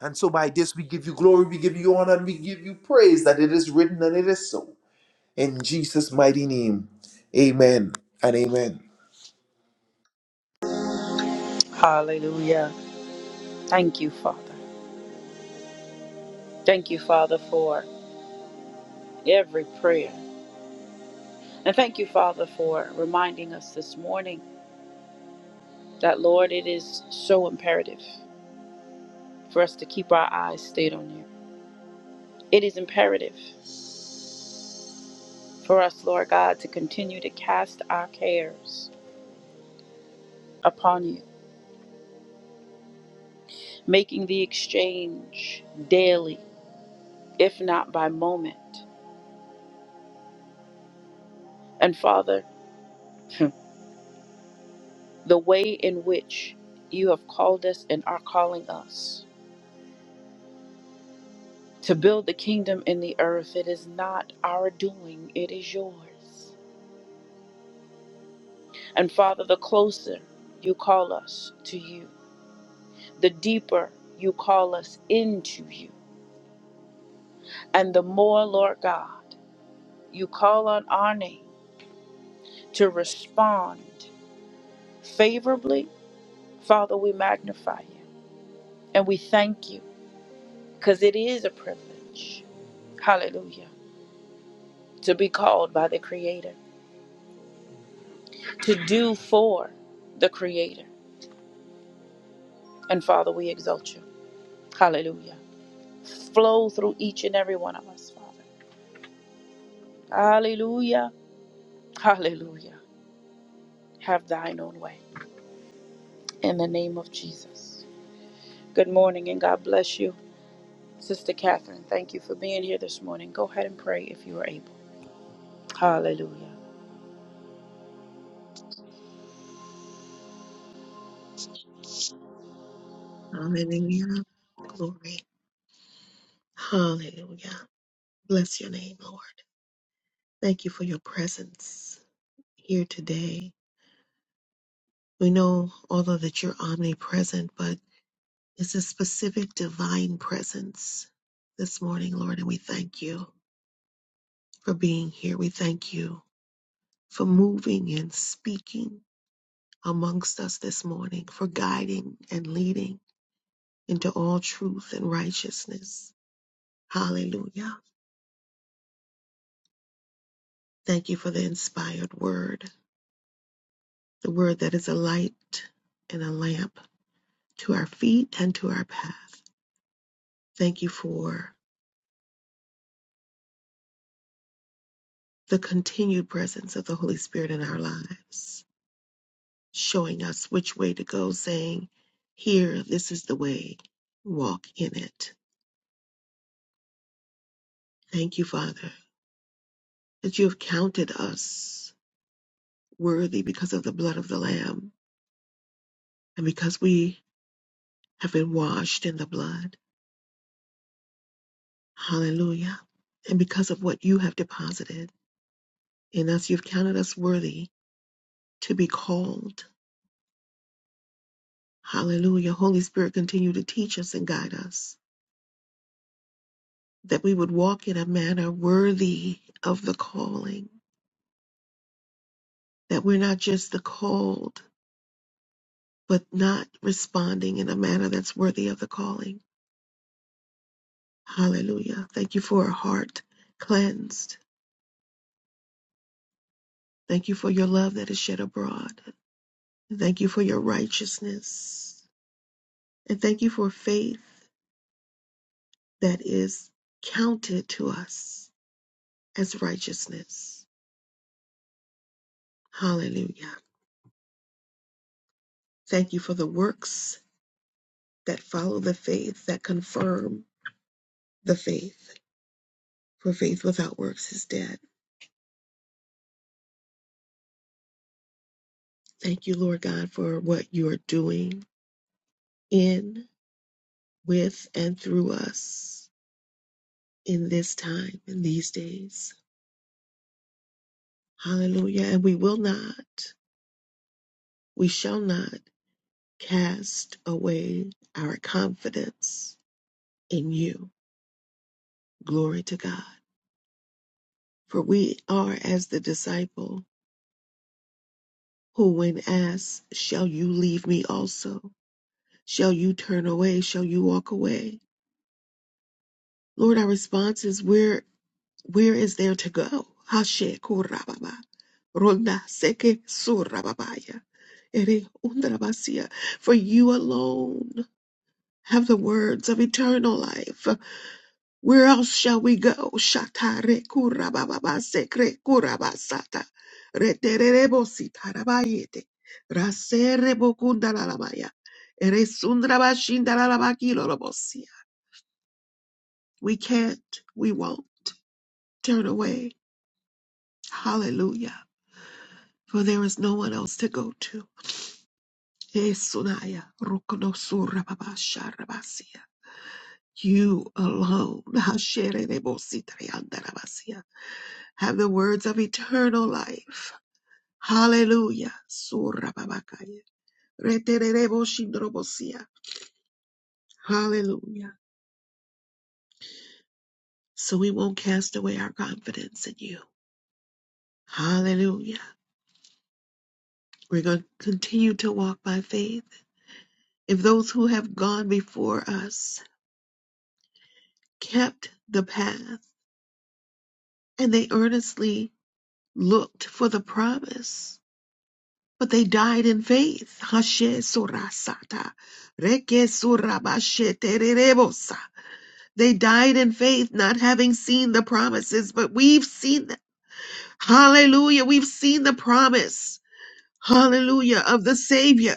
Speaker 5: And so by this we give you glory, we give you honor, and we give you praise that it is written and it is so. In Jesus' mighty name, amen and amen.
Speaker 1: Hallelujah. Thank you, Father. Thank you, Father, for every prayer. And thank you, Father, for reminding us this morning that, Lord, it is so imperative for us to keep our eyes stayed on you. It is imperative for us, Lord God, to continue to cast our cares upon you, making the exchange daily, if not by moment. And Father, the way in which you have called us and are calling us to build the kingdom in the earth. It is not our doing, it is yours. And Father, the closer you call us to you, the deeper you call us into you, and the more, Lord God, you call on our name to respond favorably, Father, we magnify you and we thank you because it is a privilege. Hallelujah to be called by the Creator, to do for the Creator. And Father, we exalt you. Hallelujah. Flow through each and every one of us, Father. Hallelujah. Hallelujah. Have thine own way. In the name of Jesus. Good morning and God bless you. Sister Catherine, thank you for being here this morning. Go ahead and pray if you are able. Hallelujah.
Speaker 6: Hallelujah. Glory. Hallelujah. Bless your name, Lord. Thank you for your presence here today. We know, although that you're omnipresent, but it's a specific divine presence this morning, Lord, and we thank you for being here. We thank you for moving and speaking amongst us this morning, for guiding and leading into all truth and righteousness. Hallelujah. Thank you for the inspired word. the word that is a light and a lamp to our feet and to our path. Thank you for the continued presence of the Holy Spirit in our lives, showing us which way to go, saying, Here, this is the way, walk in it. Thank you, Father, that you have counted us worthy because of the blood of the Lamb and because we have been washed in the blood. Hallelujah. And because of what you have deposited in us, you've counted us worthy to be called. Hallelujah. Holy Spirit, continue to teach us and guide us that we would walk in a manner worthy of the calling, that we're not just the called, but not responding in a manner that's worthy of the calling. Hallelujah. Thank you for a heart cleansed. Thank you for your love that is shed abroad. Thank you for your righteousness. And thank you for faith that is counted to us as righteousness. Hallelujah. Thank you for the works that follow the faith, that confirm the faith. For faith without works is dead. Thank you, Lord God, for what you are doing in, with, and through us in this time, in these days. Hallelujah. And we will not, we shall not cast away our confidence in you. Glory to God. For we are as the disciple who, when asked, Shall you leave me also? Shall you turn away? Shall you walk away? Lord, our response is where where is there to go? Hashe kurababa. Ronda seke surababaya. Ere undrabasia. For you alone have the words of eternal life. Where else shall we go? Shatare kurababa sekre kurabasata. Retererebo sitarabayete. Raserebo kundalalabaya. Ere sundrabashindalabakilolobosia. We can't, we won't turn away. Hallelujah. For there is no one else to go to. Yesunaya, rokonosura babasha rabasia. You alone Hasherenebositriandarabasia, have the words of eternal life. Hallelujah. Surra babakaya. Retererebosindrobosia. Hallelujah. So we won't cast away our confidence in you. Hallelujah. We're going to continue to walk by faith If those who have gone before us kept the path, and they earnestly looked for the promise, but they died in faith. Hashe surasata, reke surabashe tererebosa. They died in faith, not having seen the promises, but we've seen them. Hallelujah, we've seen the promise. hallelujah, of the Savior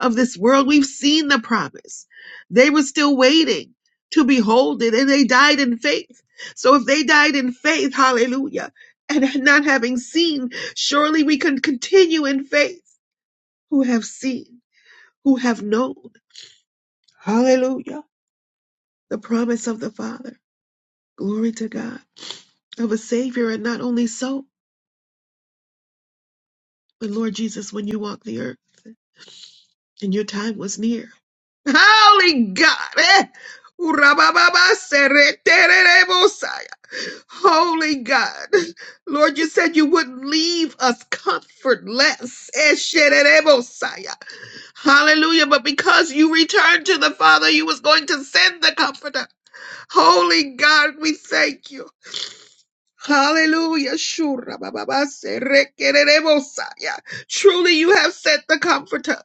Speaker 6: of this world. We've seen the promise. They were still waiting to behold it, and they died in faith. So if they died in faith, hallelujah, and not having seen, surely we can continue in faith who have seen, who have known, hallelujah, the promise of the Father. Glory to God of a Savior, and not only so, but Lord Jesus, when you walk the earth. and your time was near. Holy God. eh? Urabababaseretererebosaya. Holy God. Lord, you said you wouldn't leave us comfortless. Eshererebosaya. Hallelujah. But because you returned to the Father, you was going to send the comforter. Holy God, we thank you. Hallelujah. Shura baba base, rekererebosa. Yeah. Truly you have sent the comforter.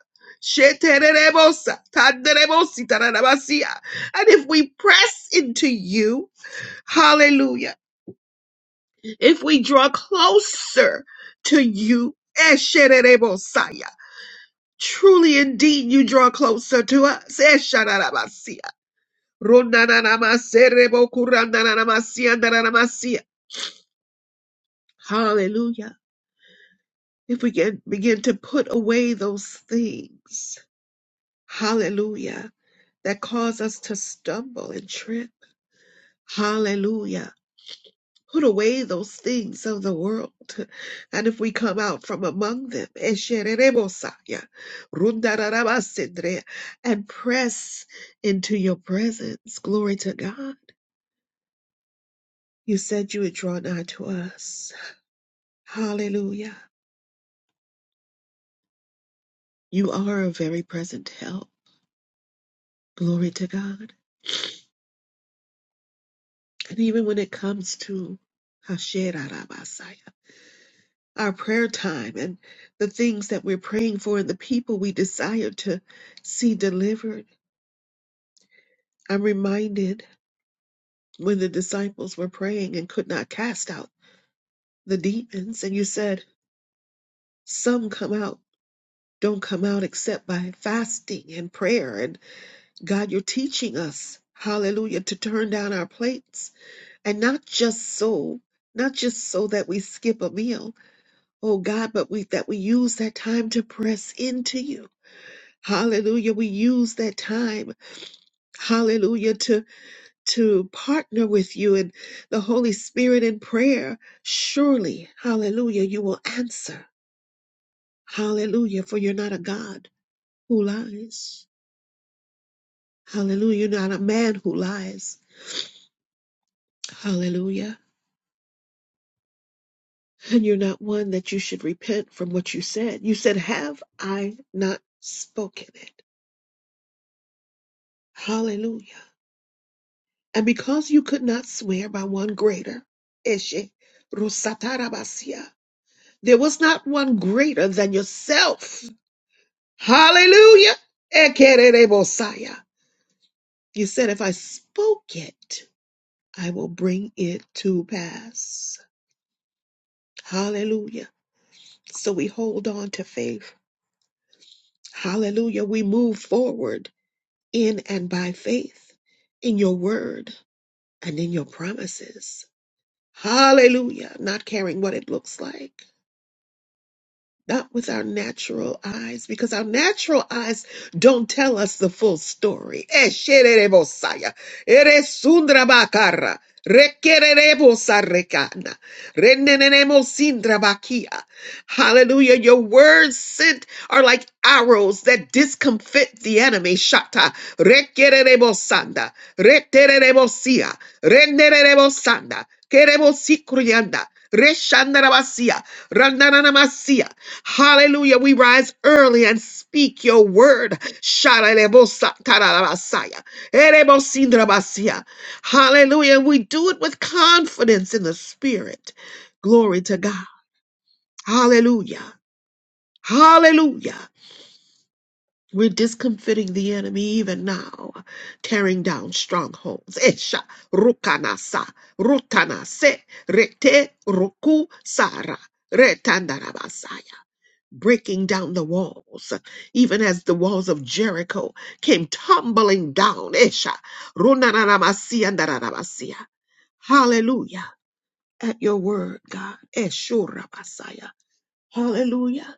Speaker 6: Shetererebosa, tanderebosi, tararabasia. And if we press into you, hallelujah. If we draw closer to you, eshererebosa, yeah. truly indeed you draw closer to us. Eshararabasia. Rundananamaserebokurandananamasiandananamasia. Hallelujah. if we can begin to put away those things, hallelujah, that cause us to stumble and trip, hallelujah. Put away those things of the world. And if we come out from among them, esherebosaya, rundararabasendre, and press into your presence, glory to God. You said you would draw nigh to us. Hallelujah. You are a very present help. Glory to God. And even when it comes to Hasherarabasaya, our prayer time and the things that we're praying for and the people we desire to see delivered, I'm reminded when the disciples were praying and could not cast out the demons, and you said, Some come out, don't come out except by fasting and prayer. And God, you're teaching us, hallelujah, to turn down our plates and not just so, not just so that we skip a meal Oh God, but we that we use that time to press into you. Hallelujah. We use that time, hallelujah, to to partner with you and the Holy Spirit in prayer. Surely, hallelujah, you will answer. Hallelujah, for you're not a God who lies. Hallelujah, you're not a man who lies. Hallelujah. And you're not one that you should repent from what you said. You said, Have I not spoken it? Hallelujah. And because you could not swear by one greater, Eshe Rusatarabasia, there was not one greater than yourself. Hallelujah. Ekererebosaya. You said, if I spoke it, I will bring it to pass. Hallelujah. So we hold on to faith. Hallelujah. We move forward in and by faith in your word and in your promises. Hallelujah. Not caring what it looks like. not with our natural eyes, because our natural eyes don't tell us the full story. Esherebosaya, eresundrabakara, requererebosarekana, renenenemosindrabakia. Hallelujah. Your words sent are like arrows that discomfit the enemy. Shata. Requererebosanda. Retererebosia. Renererebosanda. Querebosicurianda. Reshandarabasia. Randanamasia. Hallelujah. We rise early and speak your word. Sharelebosa- tararabasaya. Erebosindrabasia. Hallelujah. We do it with confidence in the spirit. Glory to God. Hallelujah. Hallelujah. We're discomfiting the enemy even now, tearing down strongholds. Esha, rukanasa, rutanase, rete, ruku, sara, retandarabasaya breaking down the walls, even as the walls of Jericho came tumbling down. Esha, runanamasiandaramasia. Hallelujah. At your word, God. Eshura Hallelujah.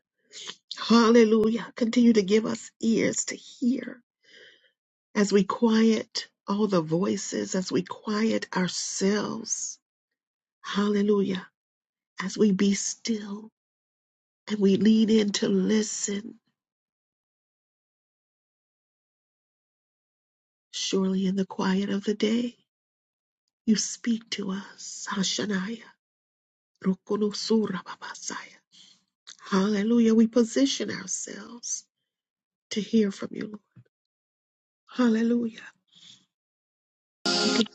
Speaker 6: Hallelujah. Continue to give us ears to hear as we quiet all the voices, as we quiet ourselves, hallelujah, as we be still and we lean in to listen, surely in the quiet of the day, you speak to us. Hashanaya, Rukunosura Babasaya. Hallelujah. We position ourselves to hear from you, Lord. Hallelujah. We can.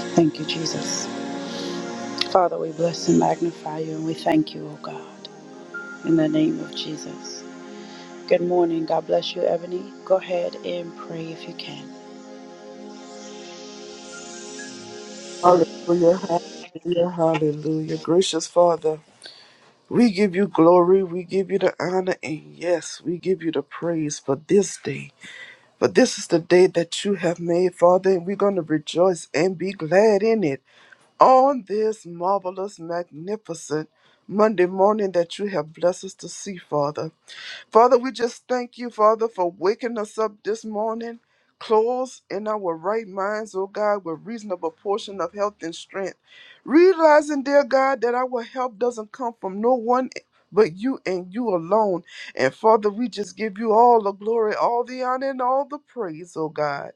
Speaker 1: Thank you, Jesus. Father, we bless and magnify you and we thank you, O God, in the name of Jesus. Good morning. God bless you, Ebony. Go ahead and pray if you can.
Speaker 7: Hallelujah, hallelujah, hallelujah. Gracious Father, we give you glory, we give you the honor, and yes, we give you the praise for this day. But this is the day that you have made, Father, and we're going to rejoice and be glad in it. On this marvelous, magnificent Monday morning that you have blessed us to see, Father. Father, we just thank you, Father, for waking us up this morning, clothes in our right minds, oh God, with reasonable portion of health and strength. Realizing, dear God, that our help doesn't come from no one but you and you alone. And Father, we just give you all the glory, all the honor, and all the praise, oh God,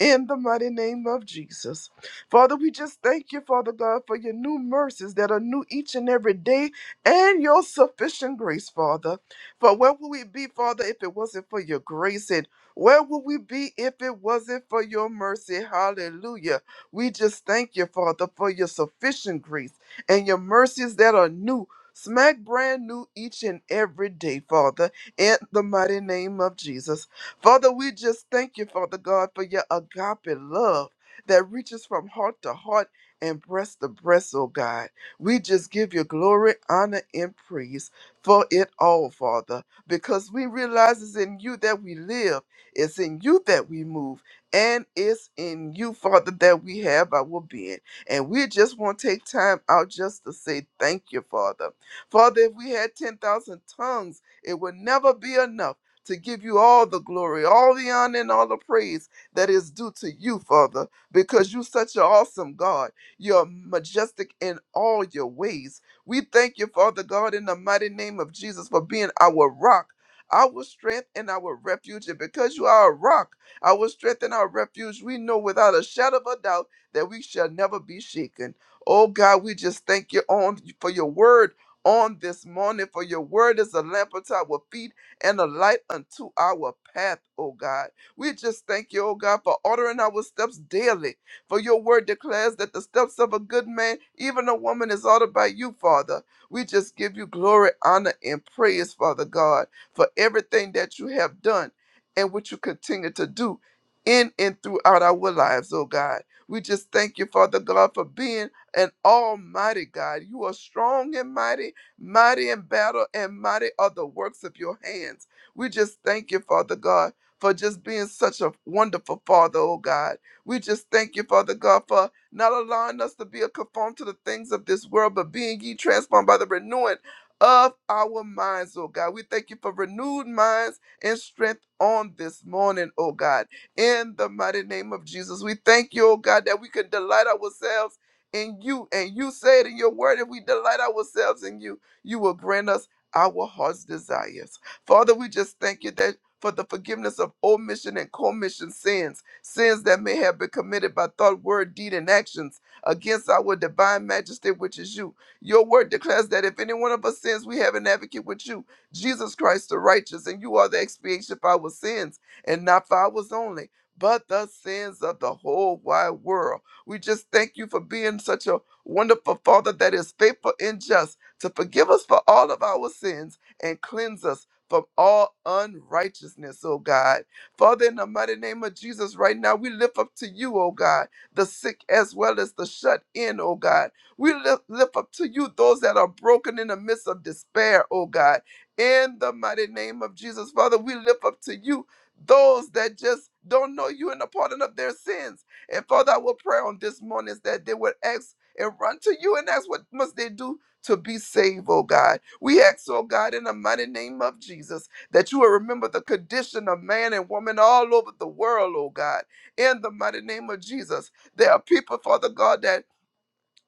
Speaker 7: in the mighty name of Jesus. Father, we just thank you, Father God, for your new mercies that are new each and every day and your sufficient grace, Father. For where would we be, Father, if it wasn't for your grace? And where would we be if it wasn't for your mercy? Hallelujah. We just thank you, Father, for your sufficient grace and your mercies that are new. Smack brand new each and every day, Father, in the mighty name of Jesus. Father, we just thank you, Father God, for your agape love that reaches from heart to heart and breast to breast, oh God. We just give you glory, honor, and praise for it all, Father, because we realize it's in you that we live, it's in you that we move, and it's in you, Father, that we have our being. And we just want to take time out just to say thank you, Father. Father, if we had 10,000 tongues, it would never be enough. To give you all the glory, all the honor, and all the praise that is due to you, Father, because you're such an awesome God. You're majestic in all your ways we thank you, Father God, in the mighty name of Jesus for being our rock, our strength, and our refuge. And because you are a rock, our strength and our refuge, we know without a shadow of a doubt that we shall never be shaken. Oh God, we just thank you on for your word on this morning, for your word is a lamp unto our feet and a light unto our path, oh God. We just thank you, oh God, for ordering our steps daily for your word declares that the steps of a good man, even a woman, is ordered by you, Father. We just give you glory, honor, and praise, Father God, for everything that you have done and what you continue to do in and throughout our lives, oh God. We just thank you, Father God, for being an almighty God. You are strong and mighty, mighty in battle, and mighty are the works of your hands. We just thank you, Father God, for just being such a wonderful Father, oh God. We just thank you, Father God, for not allowing us to be a conformed to the things of this world, but being ye transformed by the renewing of our minds, oh God. We thank you for renewed minds and strength on this morning, oh God. In the mighty name of Jesus, we thank you, oh God, that we can delight ourselves in you. And you said in your word, if we delight ourselves in you, you will grant us our heart's desires. Father, we just thank you that for the forgiveness of omission and commission sins, sins that may have been committed by thought, word, deed, and actions against our divine majesty, which is you. Your word declares that if any one of us sins, we have an advocate with you, Jesus Christ the righteous, and you are the expiation for our sins, and not for ours only, but the sins of the whole wide world. We just thank you for being such a wonderful Father that is faithful and just to forgive us for all of our sins and cleanse us from all unrighteousness, oh God. Father, in the mighty name of Jesus, right now, we lift up to you, oh God, the sick as well as the shut in, oh God. We lift, lift up to you those that are broken in the midst of despair, oh God. In the mighty name of Jesus, Father, we lift up to you those that just don't know you and the pardon of their sins. And Father, our prayer on this morning is that they would ask and run to you and ask what must they do to be saved, oh God. We ask, oh God, in the mighty name of Jesus, that you will remember the condition of man and woman all over the world, oh God. In the mighty name of Jesus, there are people, Father God, that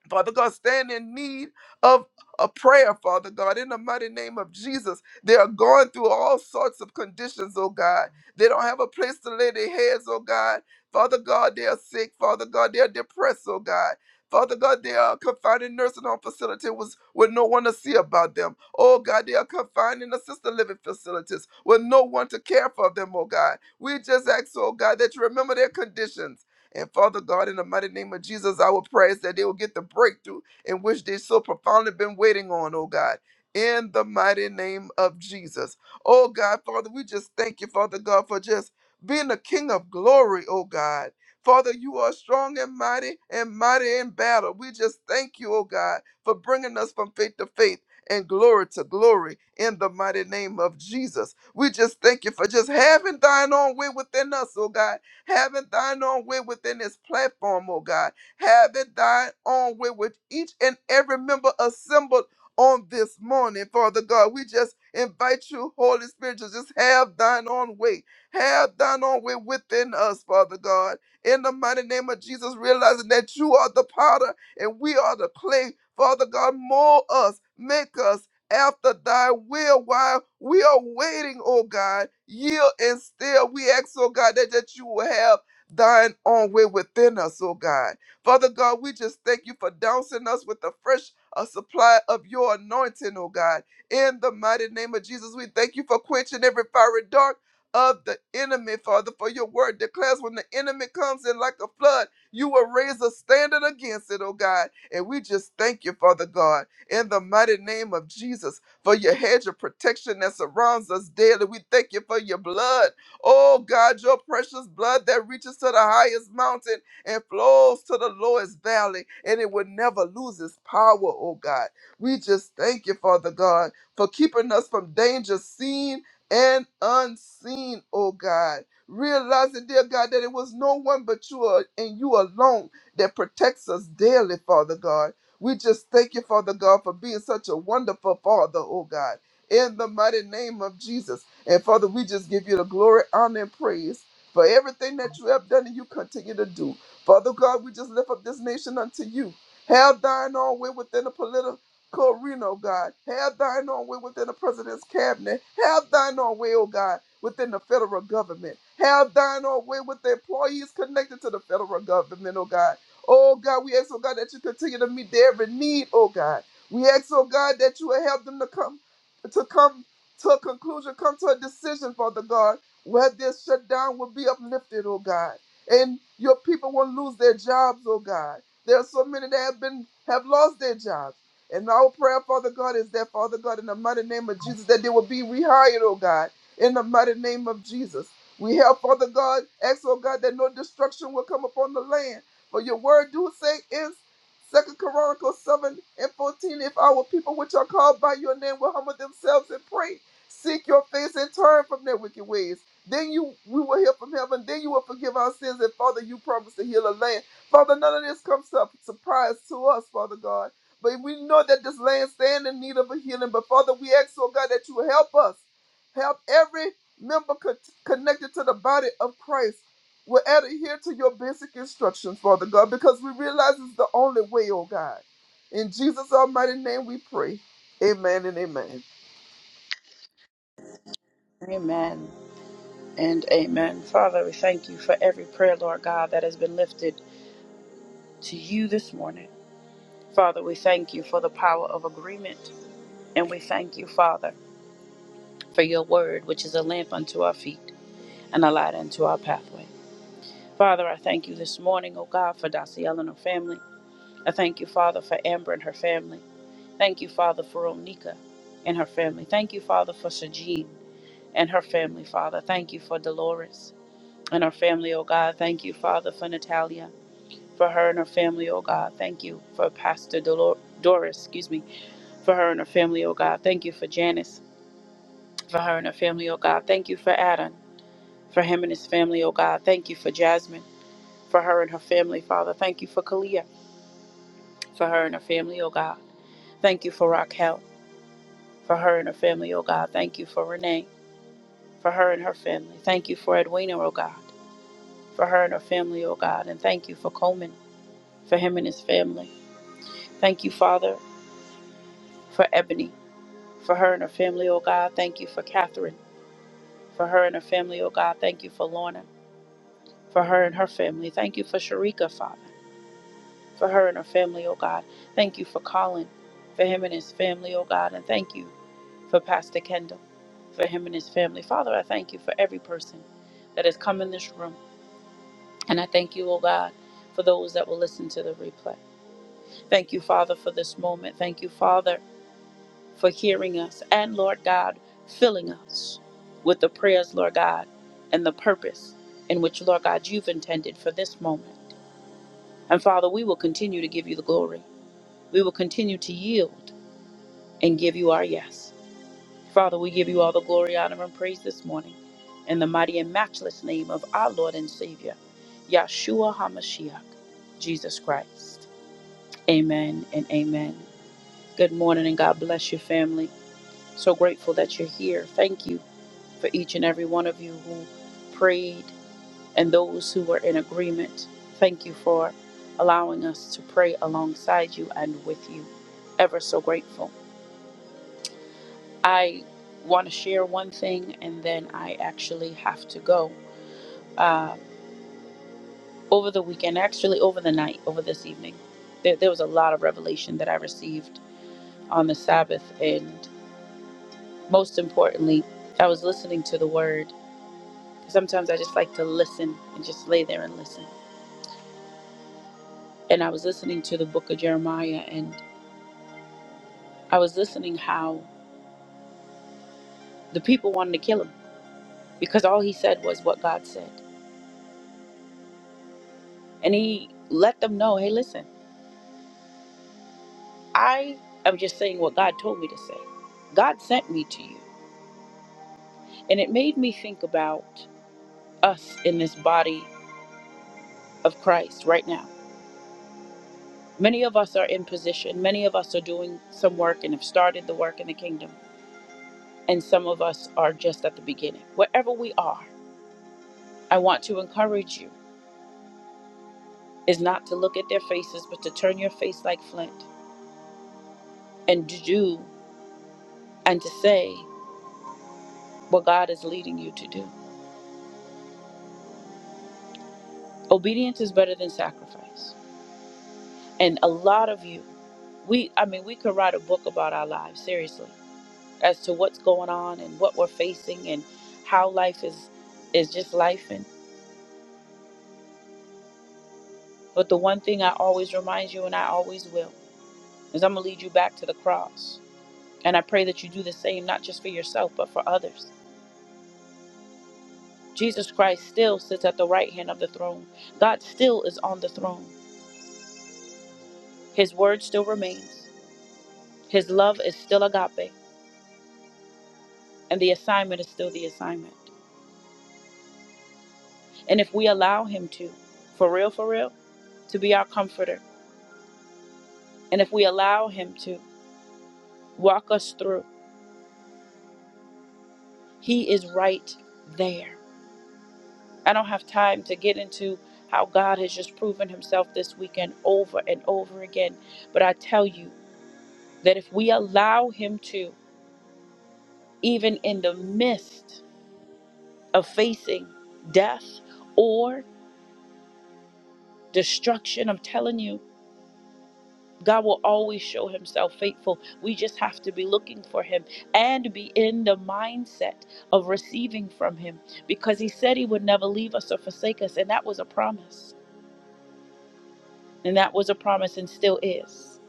Speaker 7: Father God, stand in need of a prayer, Father God, in the mighty name of Jesus. They are going through all sorts of conditions, oh God. They don't have a place to lay their heads, oh God. Father God, they are sick, Father God, they are depressed, oh God. Father God, they are confined in nursing home facilities was with no one to see about them. Oh God, they are confined in assisted living facilities with no one to care for them, oh God. We just ask, oh God, that you remember their conditions. And Father God, in the mighty name of Jesus, I will pray is that they will get the breakthrough in which they so profoundly been waiting on, oh God. In the mighty name of Jesus. Oh God, Father, we just thank you, Father God, for just being the King of glory, oh God. Father, you are strong and mighty and mighty in battle. We just thank you, oh God, for bringing us from faith to faith and glory to glory in the mighty name of Jesus. We just thank you for just having thine own way within us, oh God Having thine own way within this platform, oh God. Having thine own way with each and every member assembled on this morning, Father God. We just invite you, Holy Spirit, to just have thine own way. Have thine own way within us, Father God. In the mighty name of Jesus, realizing that you are the potter and we are the clay. Father God, mold us, make us, after thy will while we are waiting, oh God. Yield and still we ask, oh God, that, that you will have thine own way within us, oh God. Father God, we just thank you for dousing us with the fresh uh, supply of your anointing, oh God. In the mighty name of Jesus, we thank you for quenching every fiery dark of the enemy, Father, for your word declares when the enemy comes in like a flood, you will raise a standard against it, oh God. And we just thank you, Father God in the mighty name of Jesus for your hedge of protection that surrounds us daily. We thank you for your blood. Oh God, your precious blood that reaches to the highest mountain and flows to the lowest valley, and it will never lose its power, oh God. We just thank you, Father God, for keeping us from danger seen and unseen, oh God. Realizing, dear God, that it was no one but you uh, and you alone that protects us daily, Father God. We just thank you, Father God, for being such a wonderful Father, oh God, in the mighty name of Jesus. And Father, we just give you the glory, honor, and praise for everything that you have done and you continue to do. Father God, we just lift up this nation unto you. Have thine own way within the political arena, oh God. Have thine own way within the president's cabinet. Have thine own way, oh God, within the federal government. Have thine own way with the employees connected to the federal government, oh God. Oh God, we ask, oh God, that you continue to meet their every need, oh God. We ask, oh God, that you will help them to come to come to a conclusion, come to a decision, Father God, where this shutdown will be uplifted, oh God. And your people won't lose their jobs, oh God. There are so many that have been have lost their jobs. And our prayer, Father God, is that, Father God, in the mighty name of Jesus, that they will be rehired, oh God, in the mighty name of Jesus. We help, Father God, ask, oh God, that no destruction will come upon the land. For your word do say is Second Chronicles 7 and 14, if our people which are called by your name will humble themselves and pray, seek your face and turn from their wicked ways. Then you we will hear from heaven, then you will forgive our sins, and Father, you promise to heal the land. Father, none of this comes to surprise to us, Father God. But we know that this land stands in need of a healing. But Father, we ask, oh God, that you help us. Help every member co- connected to the body of Christ. We'll adhere to your basic instructions, Father God, because we realize it's the only way, oh God. In Jesus' almighty name we pray. Amen and amen.
Speaker 1: Amen and amen. Father, we thank you for every prayer, Lord God, that has been lifted to you this morning. Father, we thank you for the power of agreement. And we thank you, Father, for your word, which is a lamp unto our feet and a light unto our pathway. Father, I thank you this morning, O God, for Daciel and her family. I thank you, Father, for Amber and her family. Thank you, Father, for Onika and her family. Thank you, Father, for Sajid. and her family, Father. Thank you for Dolores and her family, oh God. Thank you, Father, for Natalia, for her and her family, oh God. Thank you for Pastor Dolor- Doris, excuse me, for her and her family, oh God. Thank you for Janice, for her and her family, oh God. Thank you for Adam, for him and his family, oh God. Thank you for Jasmine, for her and her family, Father. Thank you for Kalia, for her and her family, oh God. Thank you for Raquel, for her and her family, oh God. Thank you for Renee, for her and her family. Thank you for Edwina, oh God. for her and her family, oh God. And thank you for Coleman, for him and his family. Thank you, Father, for Ebony, for her and her family, oh God. Thank you for Catherine, for her and her family, oh God. Thank you for Lorna, for her and her family. Thank you for Sharika, Father, for her and her family, oh God. Thank you for Colin, for him and his family, oh God. And thank you for Pastor Kendall, for him and his family. Father, I thank you for every person that has come in this room. And I thank you, oh God, for those that will listen to the replay. Thank you, Father, for this moment. Thank you, Father, for hearing us. And Lord God, filling us with the prayers, Lord God, and the purpose in which, Lord God, you've intended for this moment. And Father, we will continue to give you the glory. We will continue to yield and give you our yes. Father, we give you all the glory, honor, and praise this morning in the mighty and matchless name of our Lord and Savior, Yahshua HaMashiach, Jesus Christ. Amen and amen. Good morning and God bless your family. So grateful that you're here. Thank you for each and every one of you who prayed and those who were in agreement. Thank you for allowing us to pray alongside you and with you. Ever so grateful. I want to share one thing and then I actually have to go. Uh, over the weekend, actually over the night, over this evening, there, there was a lot of revelation that I received on the Sabbath. And most importantly, I was listening to the word Sometimes I just like to listen and just lay there and listen. And I was listening to the book of Jeremiah and I was listening how the people wanted to kill him because all he said was what God said. And he let them know, hey, listen, I am just saying what God told me to say. God sent me to you. And it made me think about us in this body of Christ right now. Many of us are in position, many of us are doing some work and have started the work in the kingdom, and some of us are just at the beginning. Wherever we are, I want to encourage you is not to look at their faces, but to turn your face like flint and to do and to say what God is leading you to do. Obedience is better than sacrifice. And a lot of you, we, I mean, we could write a book about our lives, seriously, as to what's going on and what we're facing and how life is, is just life. And, but the one thing I always remind you, and I always will, is I'm going to lead you back to the cross. And I pray that you do the same, not just for yourself, but for others Jesus Christ still sits at the right hand of the throne. God still is on the throne. His word still remains. His love is still agape. And the assignment is still the assignment. And if we allow Him to, for real, for real, to be our comforter, and if we allow Him to walk us through, He is right there. I don't have time to get into how God has just proven Himself this weekend over and over again. But I tell you that if we allow Him to, even in the midst, of facing death or destruction. I'm telling you, God will always show himself faithful. We just have to be looking for him and be in the mindset of receiving from him because he said he would never leave us or forsake us. And that was a promise. And that was a promise and still is.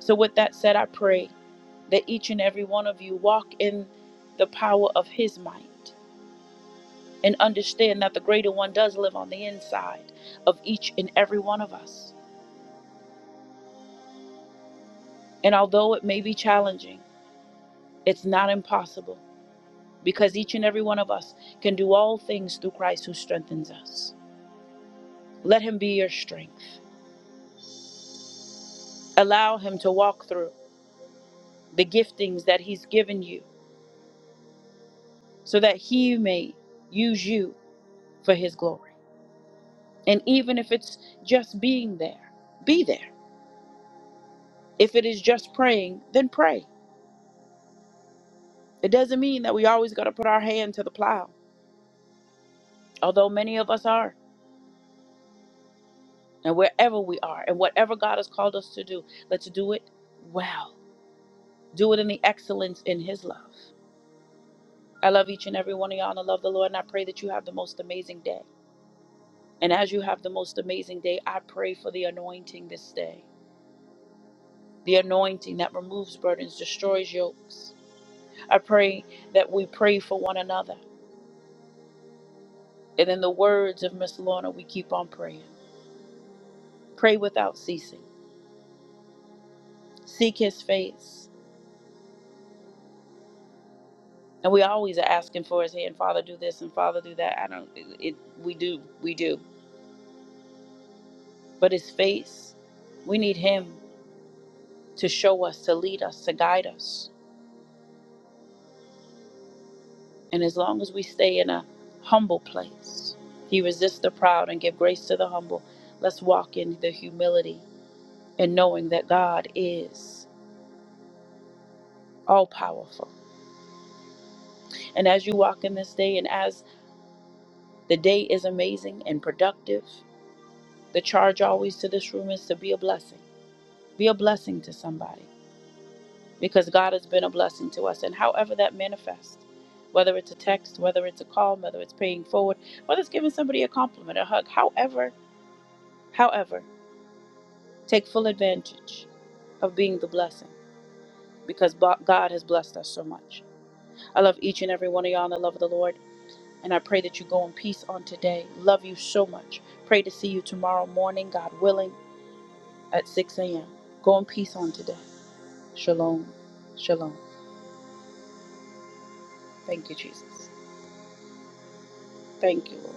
Speaker 1: So, with that said, I pray that each and every one of you walk in the power of his might and understand that the greater one does live on the inside of each and every one of us. And although it may be challenging, it's not impossible because each and every one of us can do all things through Christ who strengthens us. Let him be your strength. Allow him to walk through the giftings that he's given you so that he may use you for his glory. And even if it's just being there, be there. If it is just praying, then pray. It doesn't mean that we always got to put our hand to the plow, although many of us are. And wherever we are and whatever God has called us to do, let's do it well. Do it in the excellence in His love. I love each and every one of y'all and I love the Lord and I pray that you have the most amazing day. And as you have the most amazing day, I pray for the anointing this day. The anointing that removes burdens, destroys yokes. I pray that we pray for one another. And in the words of Miss Lorna, we keep on praying. Pray without ceasing. Seek his face. And we always are asking for his hand, Father, do this and Father, do that. I don't, it, we do, we do. But his face, we need him to show us, to lead us, to guide us. And as long as we stay in a humble place, he resists the proud and give grace to the humble. Let's walk in the humility and knowing that God is all powerful. And as you walk in this day, and as the day is amazing and productive, the charge always to this room is to be a blessing. Be a blessing to somebody because God has been a blessing to us. And however that manifests, whether it's a text, whether it's a call, whether it's paying forward, whether it's giving somebody a compliment, a hug, however, however, take full advantage of being the blessing because bo- God has blessed us so much. I love each and every one of y'all in the love of the Lord. And I pray that you go in peace on today. Love you so much. Pray to see you tomorrow morning, God willing, at 6 a.m. Go in peace on today. Shalom. Shalom. Thank you, Jesus. Thank you, Lord.